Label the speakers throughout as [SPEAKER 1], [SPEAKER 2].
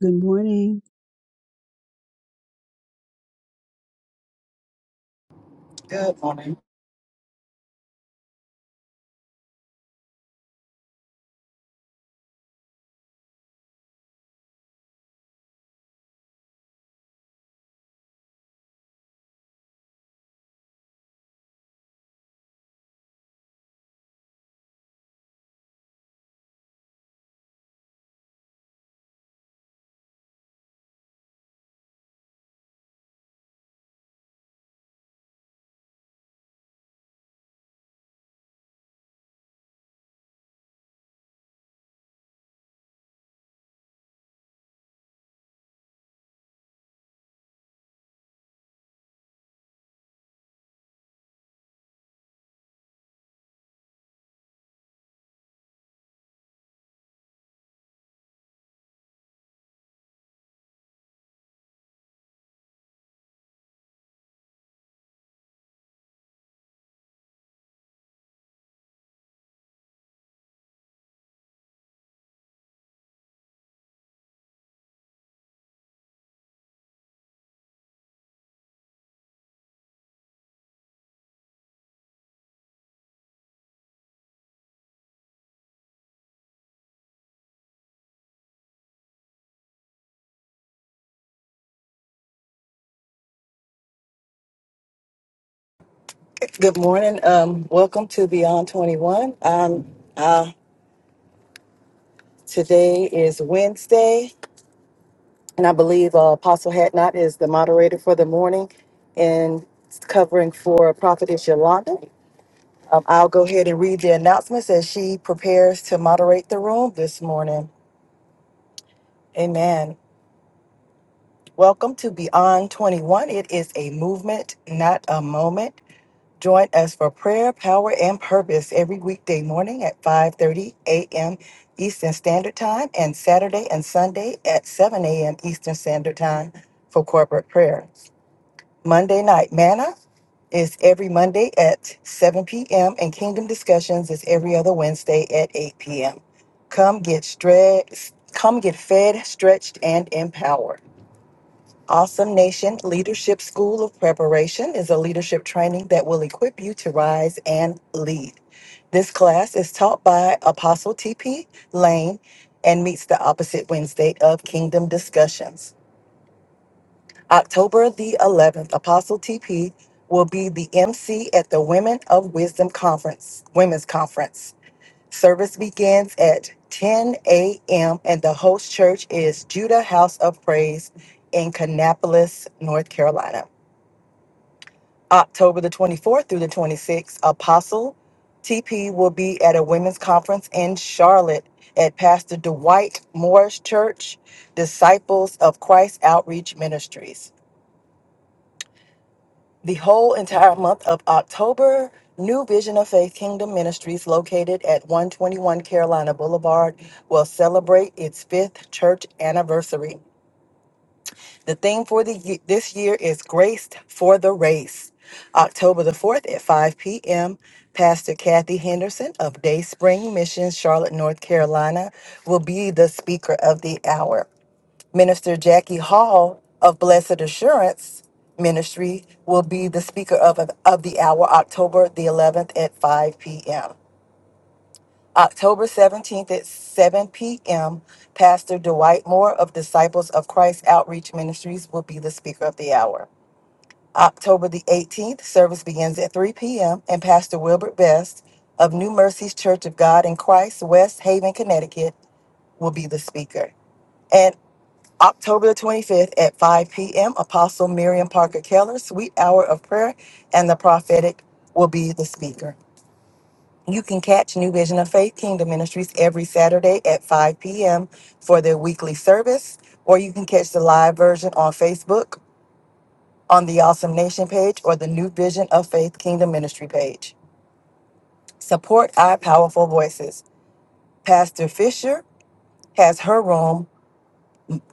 [SPEAKER 1] Good morning.
[SPEAKER 2] Good morning. Good morning. Um, welcome to Beyond 21. Um, today is Wednesday, and I believe uh, Apostle Hatnot is the moderator for the morning and it's covering for Prophetess Yolanda. Um, I'll go ahead and read the announcements as she prepares to moderate the room this morning. Amen. Welcome to Beyond 21. It is a movement, not a moment. Join us for prayer, power, and purpose every weekday morning at 5:30 a.m. Eastern Standard Time and Saturday and Sunday at 7 a.m. Eastern Standard Time for corporate prayer. Monday night manna is every Monday at 7 p.m. and Kingdom Discussions is every other Wednesday at 8 p.m. Come get stre- come get fed, stretched, and empowered. Awesome Nation Leadership School of Preparation is a leadership training that will equip you to rise and lead. This class is taught by Apostle T.P. Lane and meets the opposite Wednesday of Kingdom Discussions. October the 11th, Apostle T.P. will be the MC at the Women of Wisdom Conference, Women's Conference. Service begins at 10 a.m. and the host church is Judah House of Praise in Kannapolis, North Carolina. October the 24th through the 26th, Apostle TP will be at a women's conference in Charlotte at Pastor Dwight Morris Church, Disciples of Christ Outreach Ministries. The whole entire month of October, New Vision of Faith Kingdom Ministries, located at 121 Carolina Boulevard, will celebrate its fifth church anniversary. The theme for the ye- this year is Graced for the Race. October the 4th at 5 p.m., Pastor Kathy Henderson of Day Spring Mission, Charlotte, North Carolina, will be the speaker of the hour. Minister Jackie Hall of Blessed Assurance Ministry will be the speaker of, of the hour October the 11th at 5 p.m. October 17th at 7 p.m., Pastor Dwight Moore of Disciples of Christ Outreach Ministries will be the speaker of the hour. October the 18th, service begins at 3 p.m., and Pastor Wilbert Best of New Mercies Church of God in Christ, West Haven, Connecticut, will be the speaker. October the 25th at 5 p.m., Apostle Miriam Parker Keller, Sweet Hour of Prayer and the Prophetic will be the speaker. You can catch New Vision of Faith Kingdom Ministries every Saturday at 5 p.m. for their weekly service, or you can catch the live version on Facebook on the Awesome Nation page or the New Vision of Faith Kingdom Ministry page. Support our powerful voices. Pastor Fisher has her room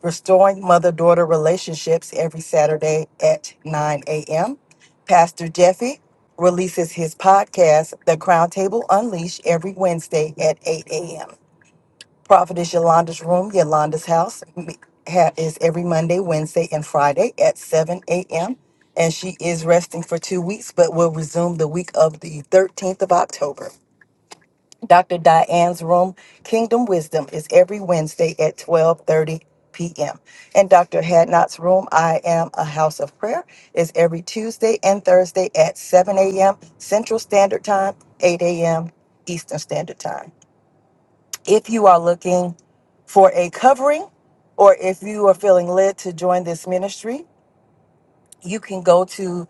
[SPEAKER 2] Restoring Mother Daughter Relationships every Saturday at 9 a.m. Pastor Jeffy releases his podcast, The Crown Table Unleashed, every Wednesday at 8 a.m. Prophetess Yolanda's Room, Yolanda's House, m- ha- is every Monday, Wednesday, and Friday at 7 a.m. And she is resting for two weeks, but will resume the week of the 13th of October. Dr. Diane's room, Kingdom Wisdom, is every Wednesday at 12:30 p.m. And Dr. Hadnot's room, I Am a House of Prayer, is every Tuesday and Thursday at 7 a.m. Central Standard Time, 8 a.m. Eastern Standard Time. If you are looking for a covering, or if you are feeling led to join this ministry, you can go to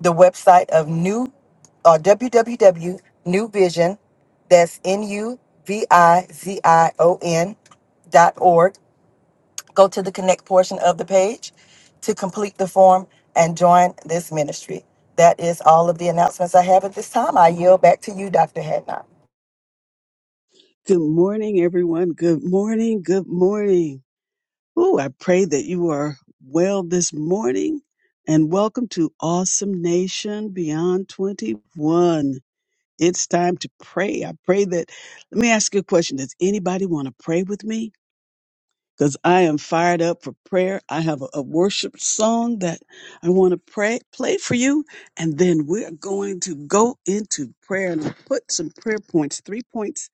[SPEAKER 2] the website of new uh, www.newvision that's n-u-v-i-z-i-o-n dot org go to the connect portion of the page to complete the form and join this ministry that is all of the announcements i have at this time i yield back to you dr hadnot
[SPEAKER 1] Good morning, everyone. Good morning. Good morning. Oh, I pray that you are well this morning and welcome to Awesome Nation Beyond 21. It's time to pray. I pray that, let me ask you a question. Does anybody want to pray with me? because I am fired up for prayer. I have a, a worship song that I want to pray, play for you. And then we're going to go into prayer and i put some prayer points, three points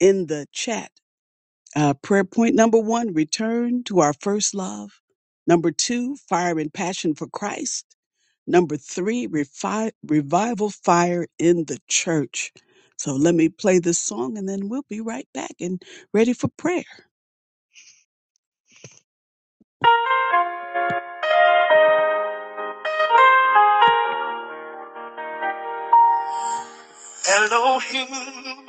[SPEAKER 1] in the chat. Uh, prayer point number one, return to our first love. Number two, fire and passion for Christ. Number three, refi- revival fire in the church. So let me play this song and then we'll be right back and ready for prayer. Elohim.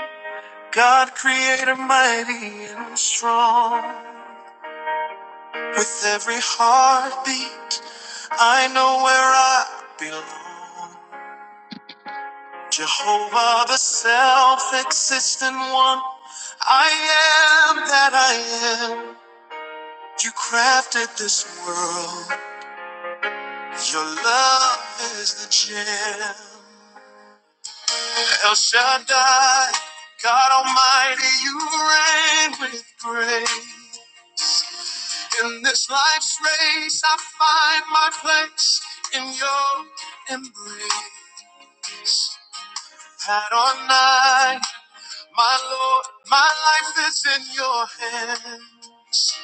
[SPEAKER 1] God creator mighty and strong. With every heartbeat, I know where I belong. Jehovah, the self existent one, I am that I am. You crafted this world, your love is the gem. El Shaddai, God Almighty, you reign with grace. In this life's race, I find my place in your embrace. Had or night, my Lord, my life is in your hands.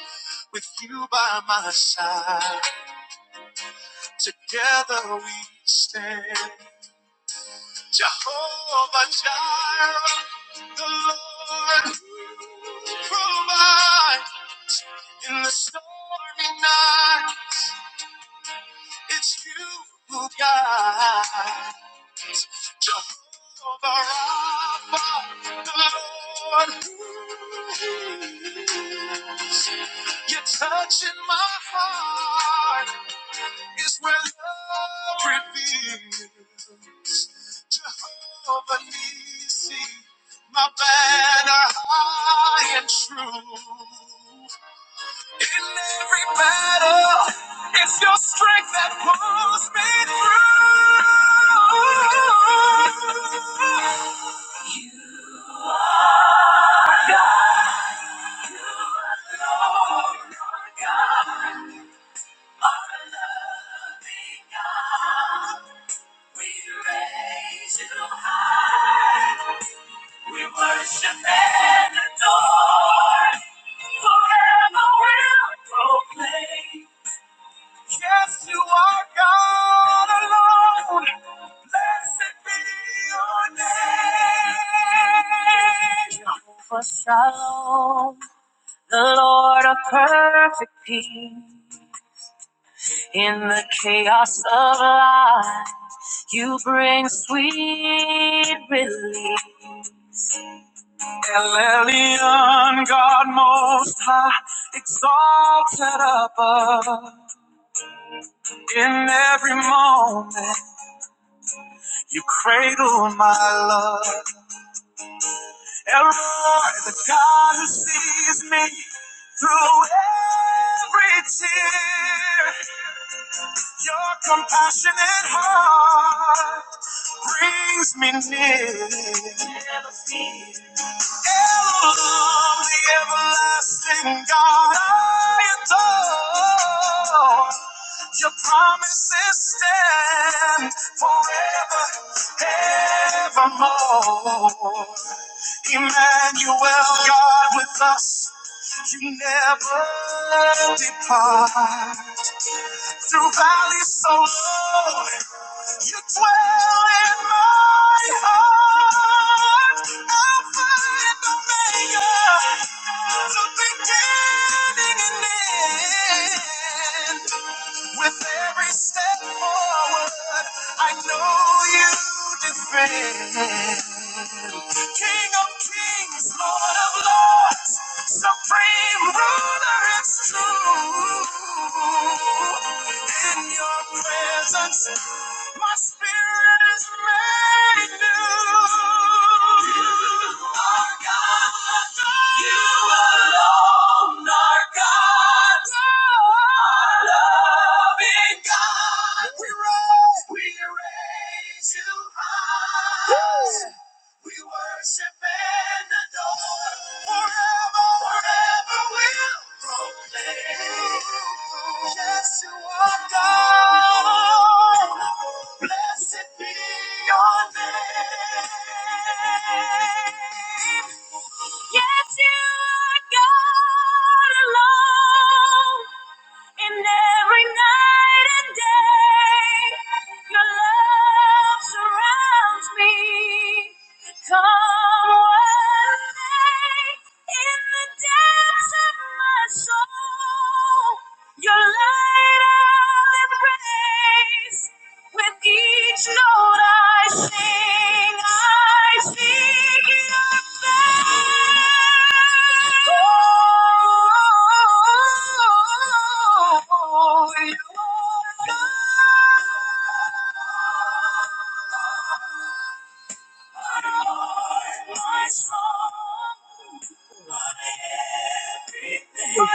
[SPEAKER 1] With you by my side, together we stand. Jehovah Jireh, the Lord, provide in the stormy night. It's you, God. Jehovah Rapha, the Lord who heals. You're touching my heart is where love reveals. Jehovah Nisi, my banner high and true. In every battle, strength that pulls me through. Raise it high. We worship and adore. Forever we'll proclaim. Yes, you are God alone. Blessed be your name. Jehovah Shalom, the Lord of perfect peace. In the chaos of life, you bring sweet relief. El Elyon, God most high, exalted above. In every moment, you cradle my love. El Roy, the God who sees me through every tear. Your compassionate heart brings me near. Elohim, the everlasting God, I adore. Your promises stand forever, evermore. Emmanuel, God with us, you never depart. Through valleys so low you dwell in my heart, Alpha and Omega, the beginning and end. With every step forward, I know you defend. King of kings, Lord of lords, supreme ruler, it's true in your presence, my spirit is made new. You are God. You alone are God. Our loving God. We raise, we raise you high. We worship and adore forever, forever we'll proclaim. Yes, you are God. Blessed be your name. Yes, you are God alone. In every night and day, your love surrounds me. Come what may, in the depths of my soul, your light praise. With each note I sing, I seek your face. Oh, you are God, my song. Everything. You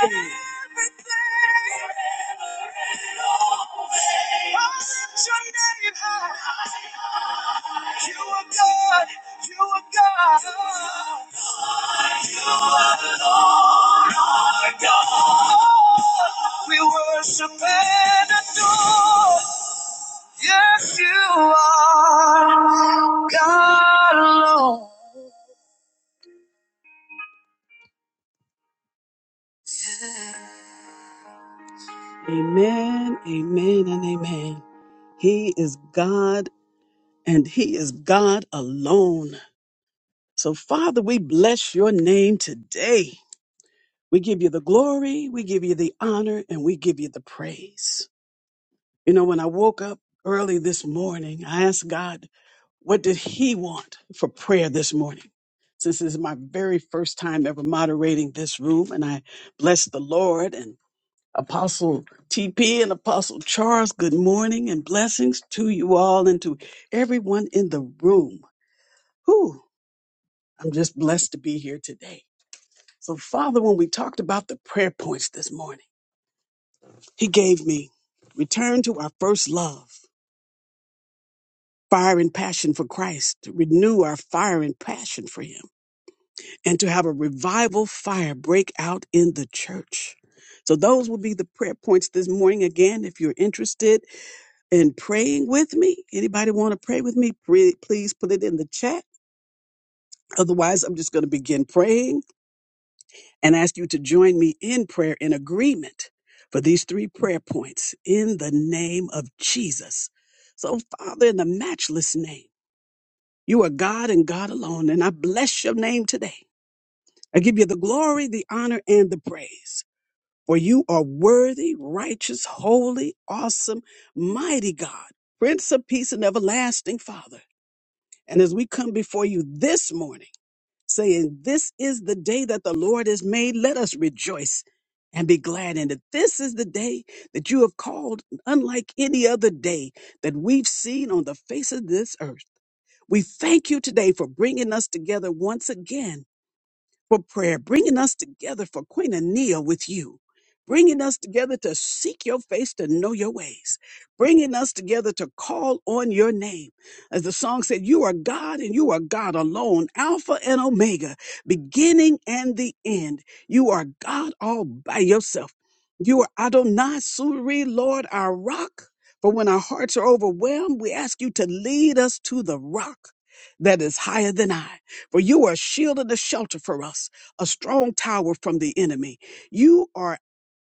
[SPEAKER 1] are God, you are God, our God. We worship and adore. Yes, you are God alone. Amen, amen, and amen. He is God and He is God alone. So, Father, we bless your name today. We give you the glory, we give you the honor, and we give you the praise. You know, when I woke up early this morning, I asked God, what did He want for prayer this morning? Since this is my very first time ever moderating this room, and I bless the Lord and Apostle TP and Apostle Charles, good morning and blessings to you all and to everyone in the room. Whew, I'm just blessed to be here today. So, Father, when we talked about the prayer points this morning, He gave me return to our first love, fire and passion for Christ, to renew our fire and passion for Him, and to have a revival fire break out in the church. So, those will be the prayer points this morning. Again, if you're interested in praying with me, anybody want to pray with me, pre- please put it in the chat. Otherwise, I'm just going to begin praying. and ask you to join me in prayer in agreement for these three prayer points in the name of Jesus. So, Father, in the matchless name, you are God and God alone, and I bless your name today. I give you the glory, the honor, and the praise, for you are worthy, righteous, holy, awesome, mighty God, Prince of Peace and everlasting Father. And as we come before you this morning, saying, This is the day that the Lord has made. Let us rejoice and be glad in it. This is the day that you have called, unlike any other day that we've seen on the face of this earth. We thank you today for bringing us together once again for prayer, bringing us together for Queen Anea with you, bringing us together to seek your face, to know your ways, bringing us together to call on your name. As the song said, you are God and you are God alone, Alpha and Omega, beginning and the end. You are God all by yourself. You are Adonai Suri, Lord, our rock. For when our hearts are overwhelmed, we ask you to lead us to the rock that is higher than I. For you are a shield and a shelter for us, a strong tower from the enemy. You are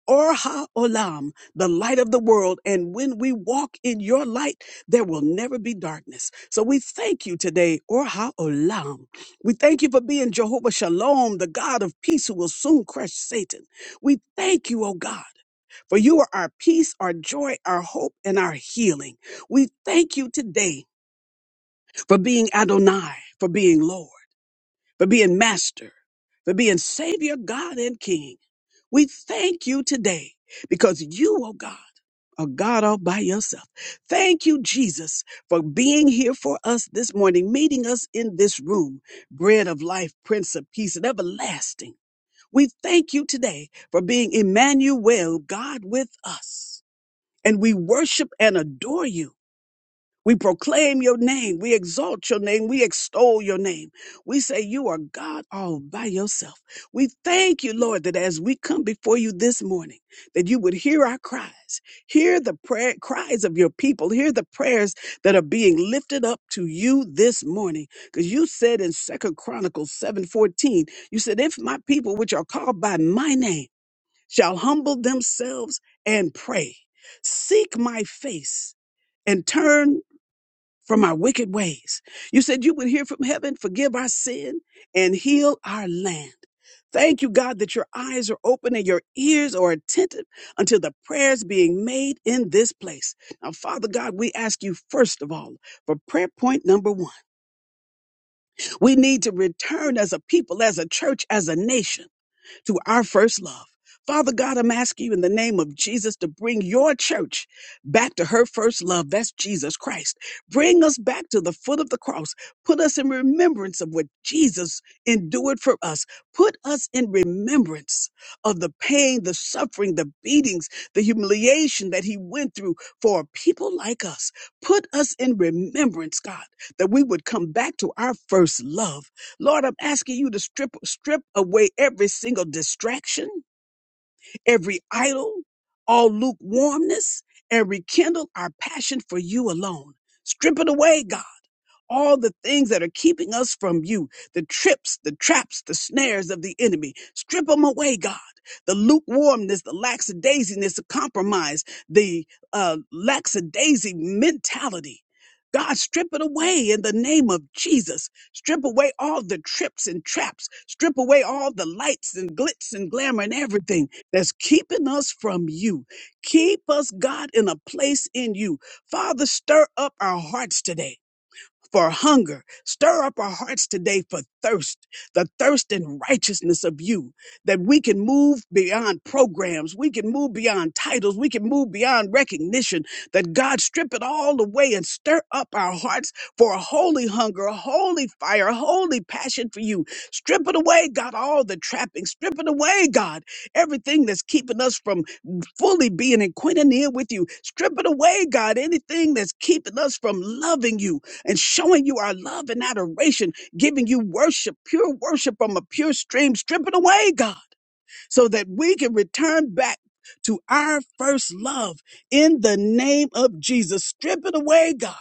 [SPEAKER 1] Orha Olam, the light of the world. And when we walk in your light, there will never be darkness. So we thank you today, Orha Olam. We thank you for being Jehovah Shalom, the God of peace who will soon crush Satan. We thank you, O God. For you are our peace, our joy, our hope, and our healing. We thank you today for being Adonai, for being Lord for being master, for being savior, God and king. We thank you today because you, oh God, are God all by yourself. Thank you, Jesus, for being here for us this morning, meeting us in this room, bread of life, prince of peace and everlasting. We thank you today for being Emmanuel, God with us. And we worship and adore you we proclaim your name. We exalt your name. We extol your name. We say you are God all by yourself. We thank you, Lord, that as we come before you this morning, that you would hear our cries, hear the prayer cries of your people, hear the prayers that are being lifted up to you this morning. Because you said in Second Chronicles 7:14, you said, if my people which are called by my name shall humble themselves and pray, seek my face. And turn from our wicked ways. You said you would hear from heaven, forgive our sin, and heal our land. Thank you, God, that your eyes are open and your ears are attentive unto the prayers being made in this place. Now, Father God, we ask you first of all for prayer point number one. We need to return as a people, as a church, as a nation to our first love. Father God, I'm asking you in the name of Jesus to bring your church back to her first love. That's Jesus Christ. Bring us back to the foot of the cross. Put us in remembrance of what Jesus endured for us. Put us in remembrance of the pain, the suffering, the beatings, the humiliation that he went through for people like us. Put us in remembrance, God, that we would come back to our first love Lord, I'm asking you to strip strip away every single distraction every idol, all lukewarmness, and rekindle our passion for you alone. Strip it away, God. All the things that are keeping us from you, the trips, the traps, the snares of the enemy, strip them away, God. The lukewarmness, the lackadaisiness, the compromise, the uh, lackadaisy mentality. God, strip it away in the name of Jesus. Strip away all the trips and traps. Strip away all the lights and glitz and glamour and everything that's keeping us from you. Keep us, God, in a place in you. Father, stir up our hearts today for hunger. Stir up our hearts today for thirst, the thirst and righteousness of you, that we can move beyond programs, we can move beyond titles, we can move beyond recognition, that God strip it all away and stir up our hearts for a holy hunger, a holy fire, a holy passion for you. Strip it away, God, all the trappings. Strip it away, God, everything that's keeping us from fully being in quintanilla with you. Strip it away, God, anything that's keeping us from loving you and showing you our love and adoration, giving you worship, pure worship from a pure stream, stripping away, God so that we can return back to our first love in the name of Jesus. Strip it away, God.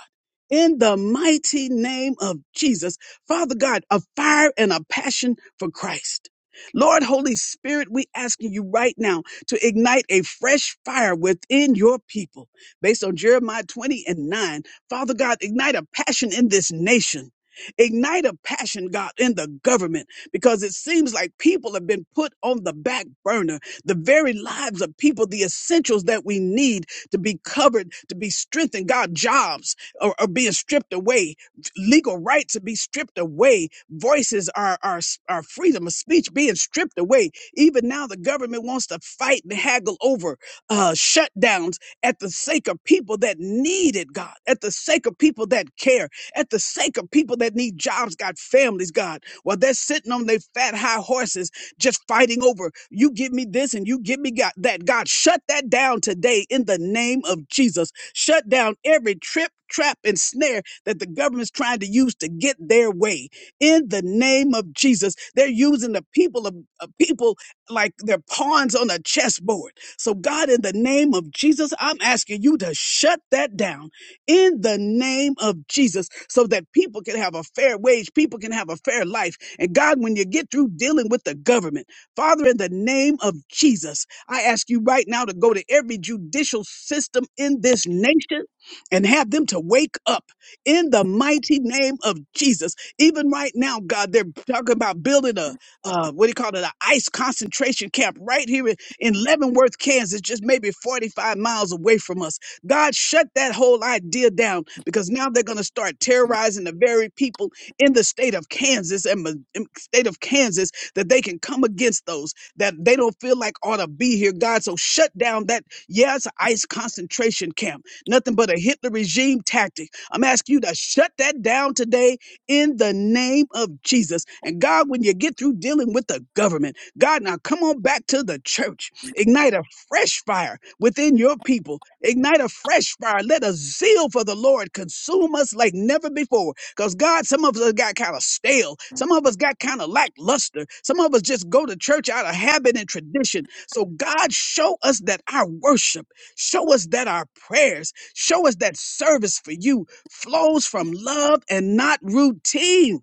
[SPEAKER 1] In the mighty name of Jesus, Father God, a fire and a passion for Christ. Lord Holy Spirit, we asking you right now to ignite a fresh fire within your people. Based on Jeremiah 20 and 9, Father God, ignite a passion in this nation. Ignite a passion, God, in the government because it seems like people have been put on the back burner. The very lives of people, the essentials that we need to be covered, to be strengthened, God, jobs are, are being stripped away, legal rights are being stripped away, voices are, are, are freedom of speech being stripped away. Even now, the government wants to fight and haggle over uh, shutdowns at the sake of people that need it, God, at the sake of people that care, at the sake of people that need jobs, God, families, God. While they're sitting on their fat high horses, just fighting over, you give me this and you give me God, that. God, shut that down today in the name of Jesus. Shut down every trip, trap, and snare that the government's trying to use to get their way. In the name of Jesus, they're using the people of, of people like they're pawns on a chessboard. So, God, in the name of Jesus, I'm asking you to shut that down in the name of Jesus so that people can have a fair wage, people can have a fair life. And God, when you get through dealing with the government, Father, in the name of Jesus, I ask you right now to go to every judicial system in this nation and have them to wake up in the mighty name of Jesus. Even right now, God, they're talking about building a, uh, what do you call it, an ICE concentration camp right here in in Leavenworth, Kansas, just maybe 45 miles away from us. God, shut that whole idea down because now they're going to start terrorizing the very people in the state of Kansas and the state of Kansas that they can come against those that they don't feel like ought to be here, God. So shut down that, yeah, it's an ICE concentration camp, nothing but a Hitler regime tactic. I'm asking you to shut that down today in the name of Jesus. And God, when you get through dealing with the government, God, now come on back to the church. Ignite a fresh fire within your people. Ignite a fresh fire. Let a zeal for the Lord consume us like never before. Because God, some of us got kind of stale. Some of us got kind of lackluster. Some of us just go to church out of habit and tradition. So God, show us that our worship, show us that our prayers, show us that service for you flows from love and not routine.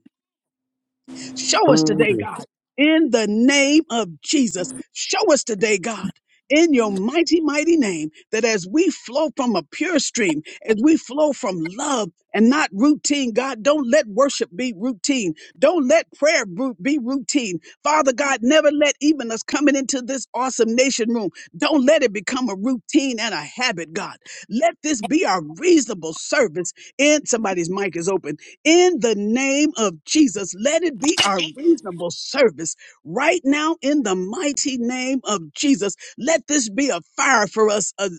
[SPEAKER 1] Show us
[SPEAKER 3] Mm.
[SPEAKER 1] today, God, in the name of Jesus. Show us today, God. In your mighty, mighty name, that as we flow from a pure stream, as we flow from love and not routine, God, don't let worship be routine. Don't let prayer bru- be routine. Father God, never let even us coming into this awesome nation room, don't let it become a routine and a habit, God. Let this be our reasonable service. And somebody's mic is open in the name of Jesus. Let it be our reasonable service right now in the mighty name of Jesus. Let this be a fire for us, a,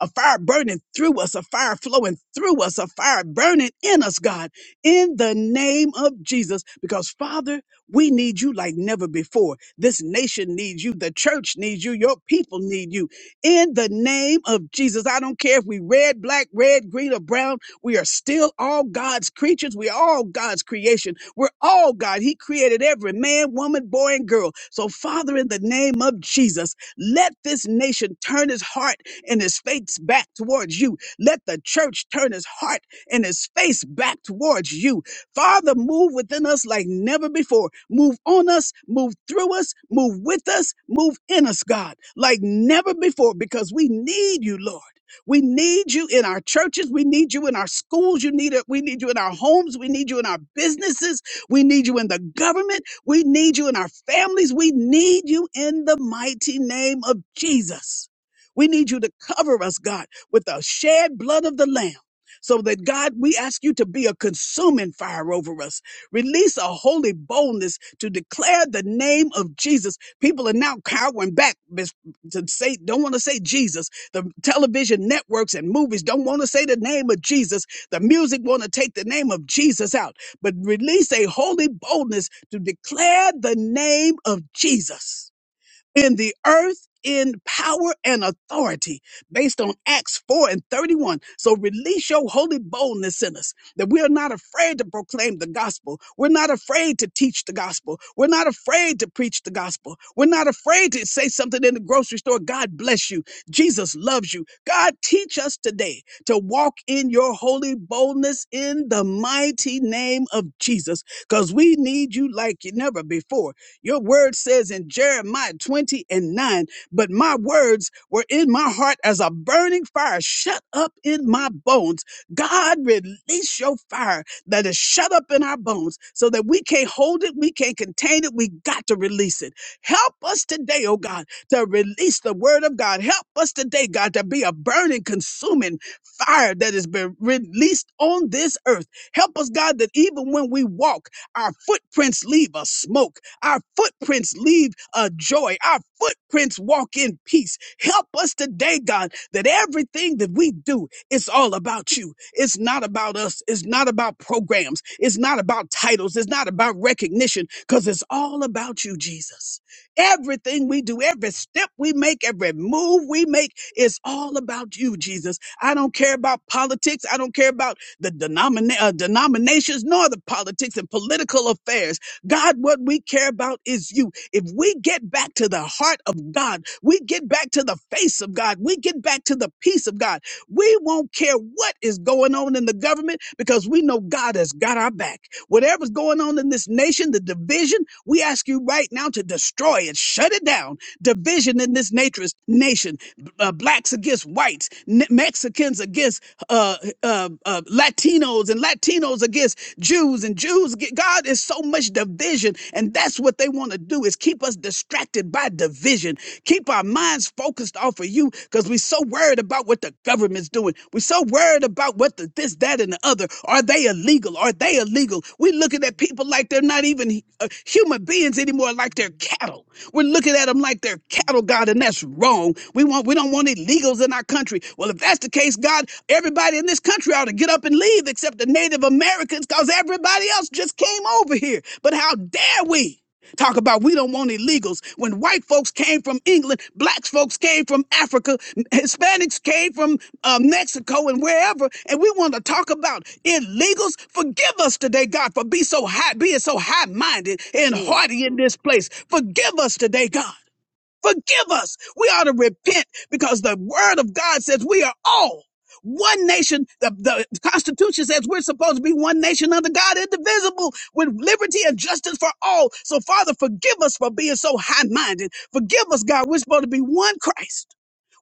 [SPEAKER 1] a fire burning through us, a fire flowing through us, a fire burning in us, God, in the name of Jesus. Because, Father, we need you like never before. This nation needs you. The church needs you. Your people need you. In the name of Jesus, I don't care if we red, black, red, green, or brown. We are still all God's creatures. We are all God's creation. We're all God. He created every man, woman, boy, and girl. So, Father, in the name of Jesus, let this nation turn his heart and his face back towards you. Let the church turn his heart and his face back towards you. Father, move within us like never before. Move on us, move through us, move with us, move in us, God, like never before, because we need you, Lord. We need you in our churches. We need you in our schools. You need it. We need you in our homes. We need you in our businesses. We need you in the government. We need you in our families. We need you in the mighty name of Jesus. We need you to cover us, God, with the shed blood of the Lamb. So that God, we ask you to be a consuming fire over us. Release a holy boldness to declare the name of Jesus. People are now cowering back to say, don't want to say Jesus the television networks and movies don't want to say the name of Jesus. The music want to take the name of Jesus out, but release a holy boldness to declare the name of Jesus in the earth in power and authority based on Acts 4 and 31. So release your holy boldness in us that we are not afraid to proclaim the gospel. We're not afraid to teach the gospel. We're not afraid to preach the gospel. We're not afraid to say something in the grocery store. God bless you. Jesus loves you. God, teach us today to walk in your holy boldness in the mighty name of Jesus because we need you like never before. Your word says in Jeremiah 20 and 9, but my words were in my heart as a burning fire shut up in my bones. God, release your fire that is shut up in our bones so that we can't hold it, we can't contain it, we got to release it. Help us today, oh God, to release the word of God. Help us today, God, to be a burning, consuming fire that has been released on this earth. Help us, God, that even when we walk, our footprints leave a smoke. Our footprints leave a joy. Our footprints walk in peace. Help us today, God, that everything that we do is all about you. It's not about us. It's not about programs. It's not about titles. It's not about recognition because it's all about you, Jesus. Everything we do, every step we make, every move we make is all about you, Jesus. I don't care about politics. I don't care about the denomina- uh, denominations nor the politics and political affairs. God, what we care about is you. If we get back to the heart of God, we get back to the face of God, we get back to the peace of God. We won't care what is going on in the government because we know God has got our back. Whatever's going on in this nation, the division, we ask you right now to destroy it, shut it down. Division in this nature's nation, uh, blacks against whites, N- Mexicans against uh, uh, uh, Latinos, and Latinos against Jews, and Jews. ag- God is so much division, and that's what they want to do is keep us distracted by division. Keep our keep our minds focused off of you because we're so worried about what the government's doing. We're so worried about what the this, that, and the other. Are they illegal? Are they illegal? We're looking at people like they're not even uh, human beings anymore, like they're cattle. We're looking at them like they're cattle, God, and that's wrong. We want we don't want illegals in our country. Well, if that's the case, God, everybody in this country ought to get up and leave except the Native Americans because everybody else just came over here. But how dare we? Talk about we don't want illegals. When white folks came from England, black folks came from Africa, Hispanics came from uh, Mexico and wherever, and we want to talk about illegals. Forgive us today, God, for be so high, being so high-minded and
[SPEAKER 4] Mm.
[SPEAKER 1] haughty in this place. Forgive us today, God. Forgive us. We ought to repent because the word of God says we are all one nation. The, the Constitution says we're supposed to be one nation under God, indivisible, with liberty and justice for all. So, Father, forgive us for being so high minded. Forgive us, God. We're supposed to be one Christ,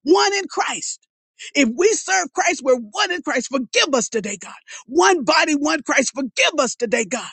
[SPEAKER 1] one in Christ. If we serve Christ, we're one in Christ. Forgive us today, God. One body, one Christ. Forgive us today, God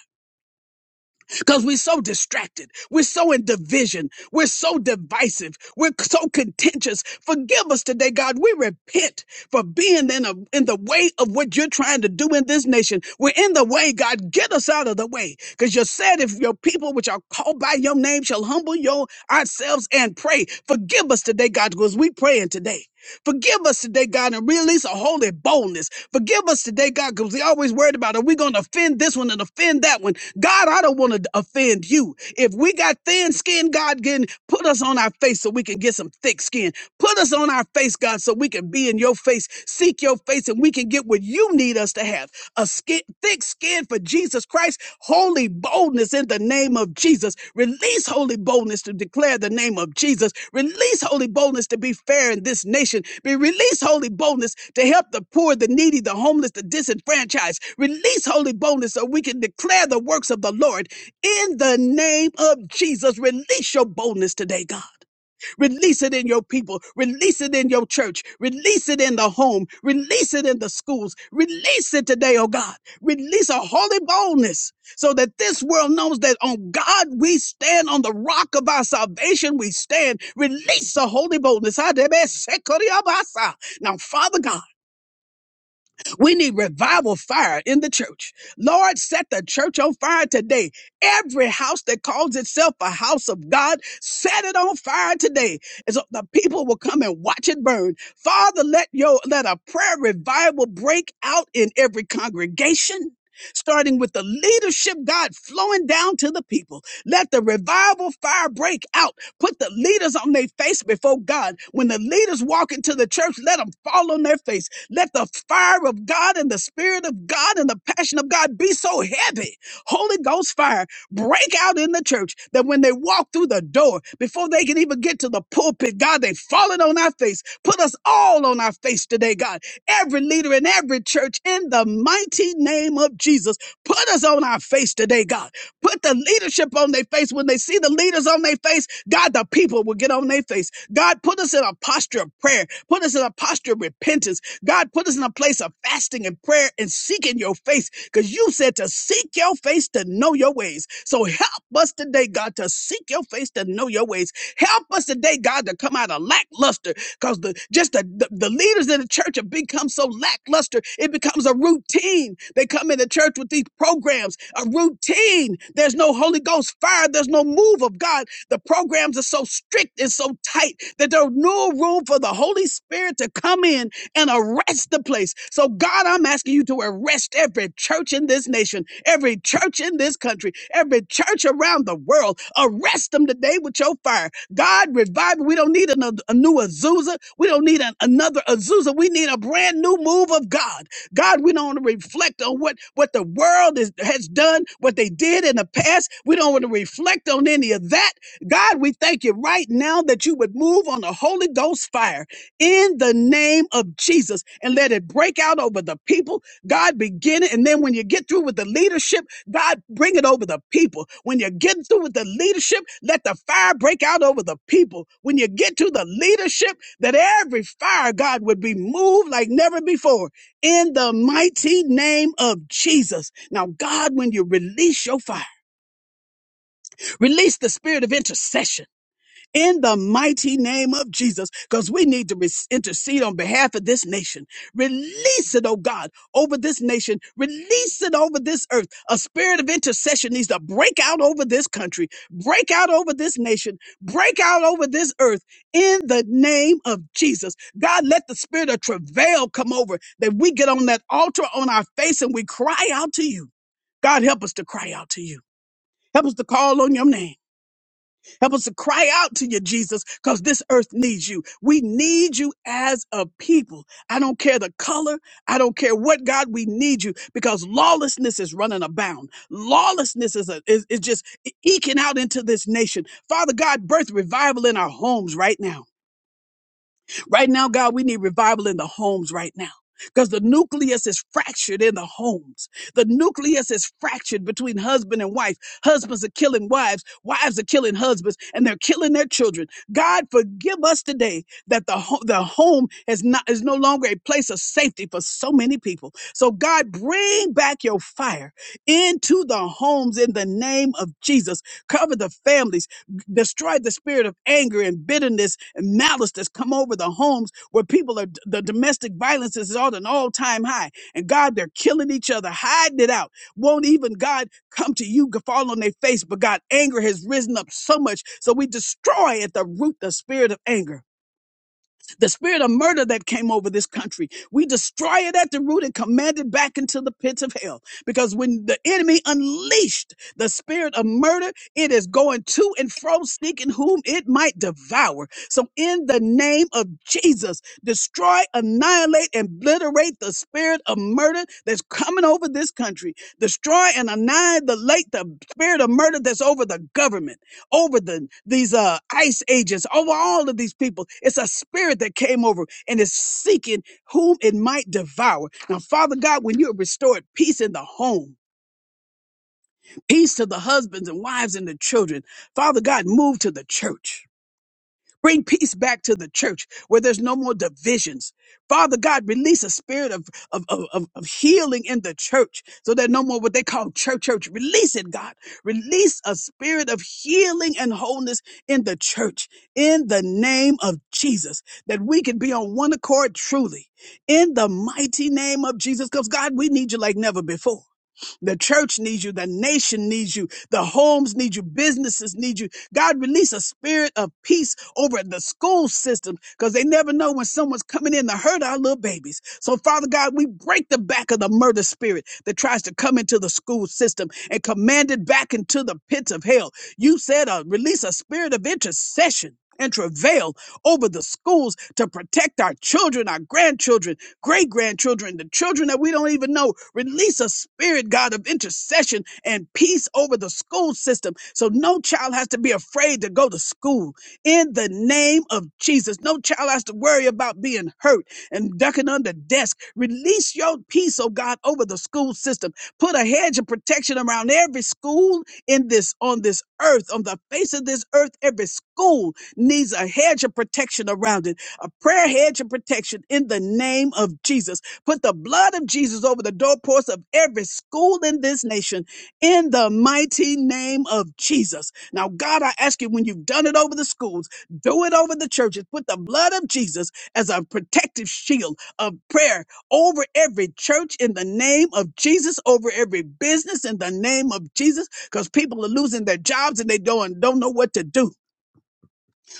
[SPEAKER 1] because we're so distracted. We're so in division. We're so divisive. We're so contentious. Forgive us today, God. We repent for being in a, in the way of what you're trying to do in this nation. We're in the way, God. Get us out of the way. Because you said if your people, which are called by your name, shall humble your ourselves and pray. Forgive us today, God, because we praying today. Forgive us today, God, and release a holy boldness Forgive us today, God, because we always worried about are we going to offend this one and offend that one? God, I don't want to offend you. If we got thin skin, God, again, put us on our face so we can get some thick skin. Put us on our face, God, so we can be in your face, seek your face, and we can get what you need us to have a skin, thick skin for Jesus Christ, holy boldness in the name of Jesus. Release holy boldness to declare the name of Jesus. Release holy boldness to be fair in this nation. Be release holy boldness to help the poor, the needy, the homeless, the disenfranchised. Release holy boldness so we can declare the works of the Lord in the name of Jesus. Release your boldness today, God. Release it in your people. Release it in your church. Release it in the home. Release it in the schools. Release it today, oh God. Release a holy boldness so that this world knows that on God we stand, on the rock of our salvation we stand. Release the holy boldness. Now, Father God. We need revival fire in the church. Lord, set the church on fire today. Every house that calls itself a house of God, set it on fire today. And so the people will come and watch it burn. Father, let your let a prayer revival break out in every congregation. Starting with the leadership, God flowing down to the people. Let the revival fire break out. Put the leaders on their face before God. When the leaders walk into the church, let them fall on their face let the fire of God and the Spirit of God and the passion of God be so heavy. Holy Ghost fire break out in the church that when they walk through the door, before they can even get to the pulpit, God, they've fallen on our face. Put us all on our face today, God. Every leader in every church, in the mighty name of Jesus, put us on our face today, God. Put the leadership on their face. When they see the leaders on their face, God, the people will get on their face. God, put us in a posture of prayer. Put us in a posture of repentance. God, put us in a place of fasting and prayer and seeking your face because you said to seek your face to know your ways. So help us today, God, to seek your face to know your ways. Help us today, God, to come out of lackluster because the just the, the the leaders in the church have become so lackluster it becomes a routine they come into church with these programs a routine there's no holy ghost fire there's no move of god the programs are so strict and so tight that there's no room for the holy spirit to come in and arrest the place so god i'm asking you to arrest every church in this nation every church in this country every church around the world arrest them today with your fire God, revival. We don't need another, a new Azusa. We don't need an, another Azusa. We need a brand new move of God. God, we don't want to reflect on what, what the world is, has done, what they did in the past. We don't want to reflect on any of that. God, we thank you right now that you would move on the Holy Ghost fire in the name of Jesus and let it break out over the people. God, begin it. And then when you get through with the leadership, God, bring it over the people. When you get through with the leadership, let the fire break out over the people. When you get to the leadership, that every fire, God, would be moved like never before in the mighty name of Jesus. Now, God, when you release your fire, release the spirit of intercession in the mighty name of Jesus, because we need to re- intercede on behalf of this nation. Release it, oh God, over this nation. Release it over this earth. A spirit of intercession needs to break out over this country, break out over this nation, break out over this earth in the name of Jesus. God, let the spirit of travail come over that we get on that altar on our face and we cry out to you. God, help us to cry out to you. Help us to call on your name. Help us to cry out to you, Jesus, because this earth needs you. We need you as a people. I don't care the color. I don't care what, God, we need you because lawlessness is running abound. Lawlessness is, a, is, is just eking out into this nation. Father God, birth revival in our homes right now. Right now, God, we need revival in the homes right now. Because the nucleus is fractured in the homes. The nucleus is fractured between husband and wife. Husbands are killing wives. Wives are killing husbands and they're killing their children. God forgive us today that the, ho- the home is not, is no longer a place of safety for so many people. So God, bring back your fire into the homes in the name of Jesus. Cover the families destroyed the spirit of anger and bitterness and malice that's come over the homes where people are, the domestic violence is at an all time high. And God, they're killing each other, hiding it out. Won't even God come to you, fall on their face, but God, anger has risen up so much. So we destroy at the root the spirit of anger the spirit of murder that came over this country, we destroy it at the root and command it back into the pits of hell. Because when the enemy unleashed the spirit of murder, it is going to and fro seeking whom it might devour. So, in the name of Jesus, destroy, annihilate, and obliterate the spirit of murder that's coming over this country. Destroy and annihilate the spirit of murder that's over the government over the, these uh, ice agents, over all of these people. It's a spirit that came over and is seeking whom it might devour. Now, Father God, when you have restored peace in the home, peace to the husbands and wives and the children, Father God, move to the church. Bring peace back to the church where there's no more divisions. Father God, release a spirit of, of, of, of of healing in the church so that no more what they call church, church. Release it, God. Release a spirit of healing and wholeness in the church in the name of Jesus, that we can be on one accord truly in the mighty name of Jesus. Because God, we need you like never before. The church needs you. The nation needs you. The homes need you. Businesses need you. God, release a spirit of peace over the school system because they never know when someone's coming in to hurt our little babies. So, Father God, we break the back of the murder spirit that tries to come into the school system and command it back into the pits of hell. You said, uh, release a spirit of intercession. And travail over the schools to protect our children, our grandchildren, great grandchildren, the children that we don't even know. Release a spirit, God, of intercession and peace over the school system so no child has to be afraid to go to school in the name of Jesus. No child has to worry about being hurt and ducking under desk. Release your peace, oh God, over the school system. Put a hedge of protection around every school in this on this earth, on the face of this earth. Every school needs a hedge of protection around it, a prayer hedge of protection in the name of Jesus. Put the blood of Jesus over the doorposts of every school in this nation in the mighty name of Jesus. Now, God, I ask you when you've done it over the schools, do it over the churches. Put the blood of Jesus as a protective shield of prayer over every church in the name of Jesus, over every business in the name of Jesus because people are losing their jobs and they don't, don't know what to do.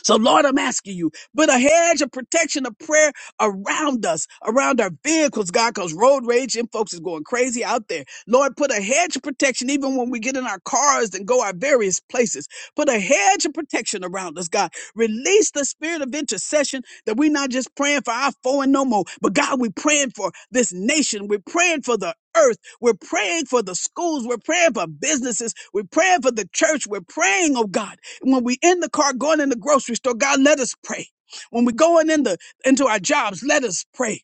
[SPEAKER 1] So, Lord, I'm asking you, put a hedge of protection of prayer around us, around our vehicles, God, because road rage and folks is going crazy out there. Lord, put a hedge of protection even when we get in our cars and go our various places. Put a hedge of protection around us, God. Release the spirit of intercession that we're not just praying for our foe and no more, but God, we're praying for this nation. We're praying for the earth. We're praying for the schools. We're praying for businesses. We're praying for the church. We're praying, oh God. When we in the car going in the grocery store, God, let us pray. When we going in the into our jobs, let us pray.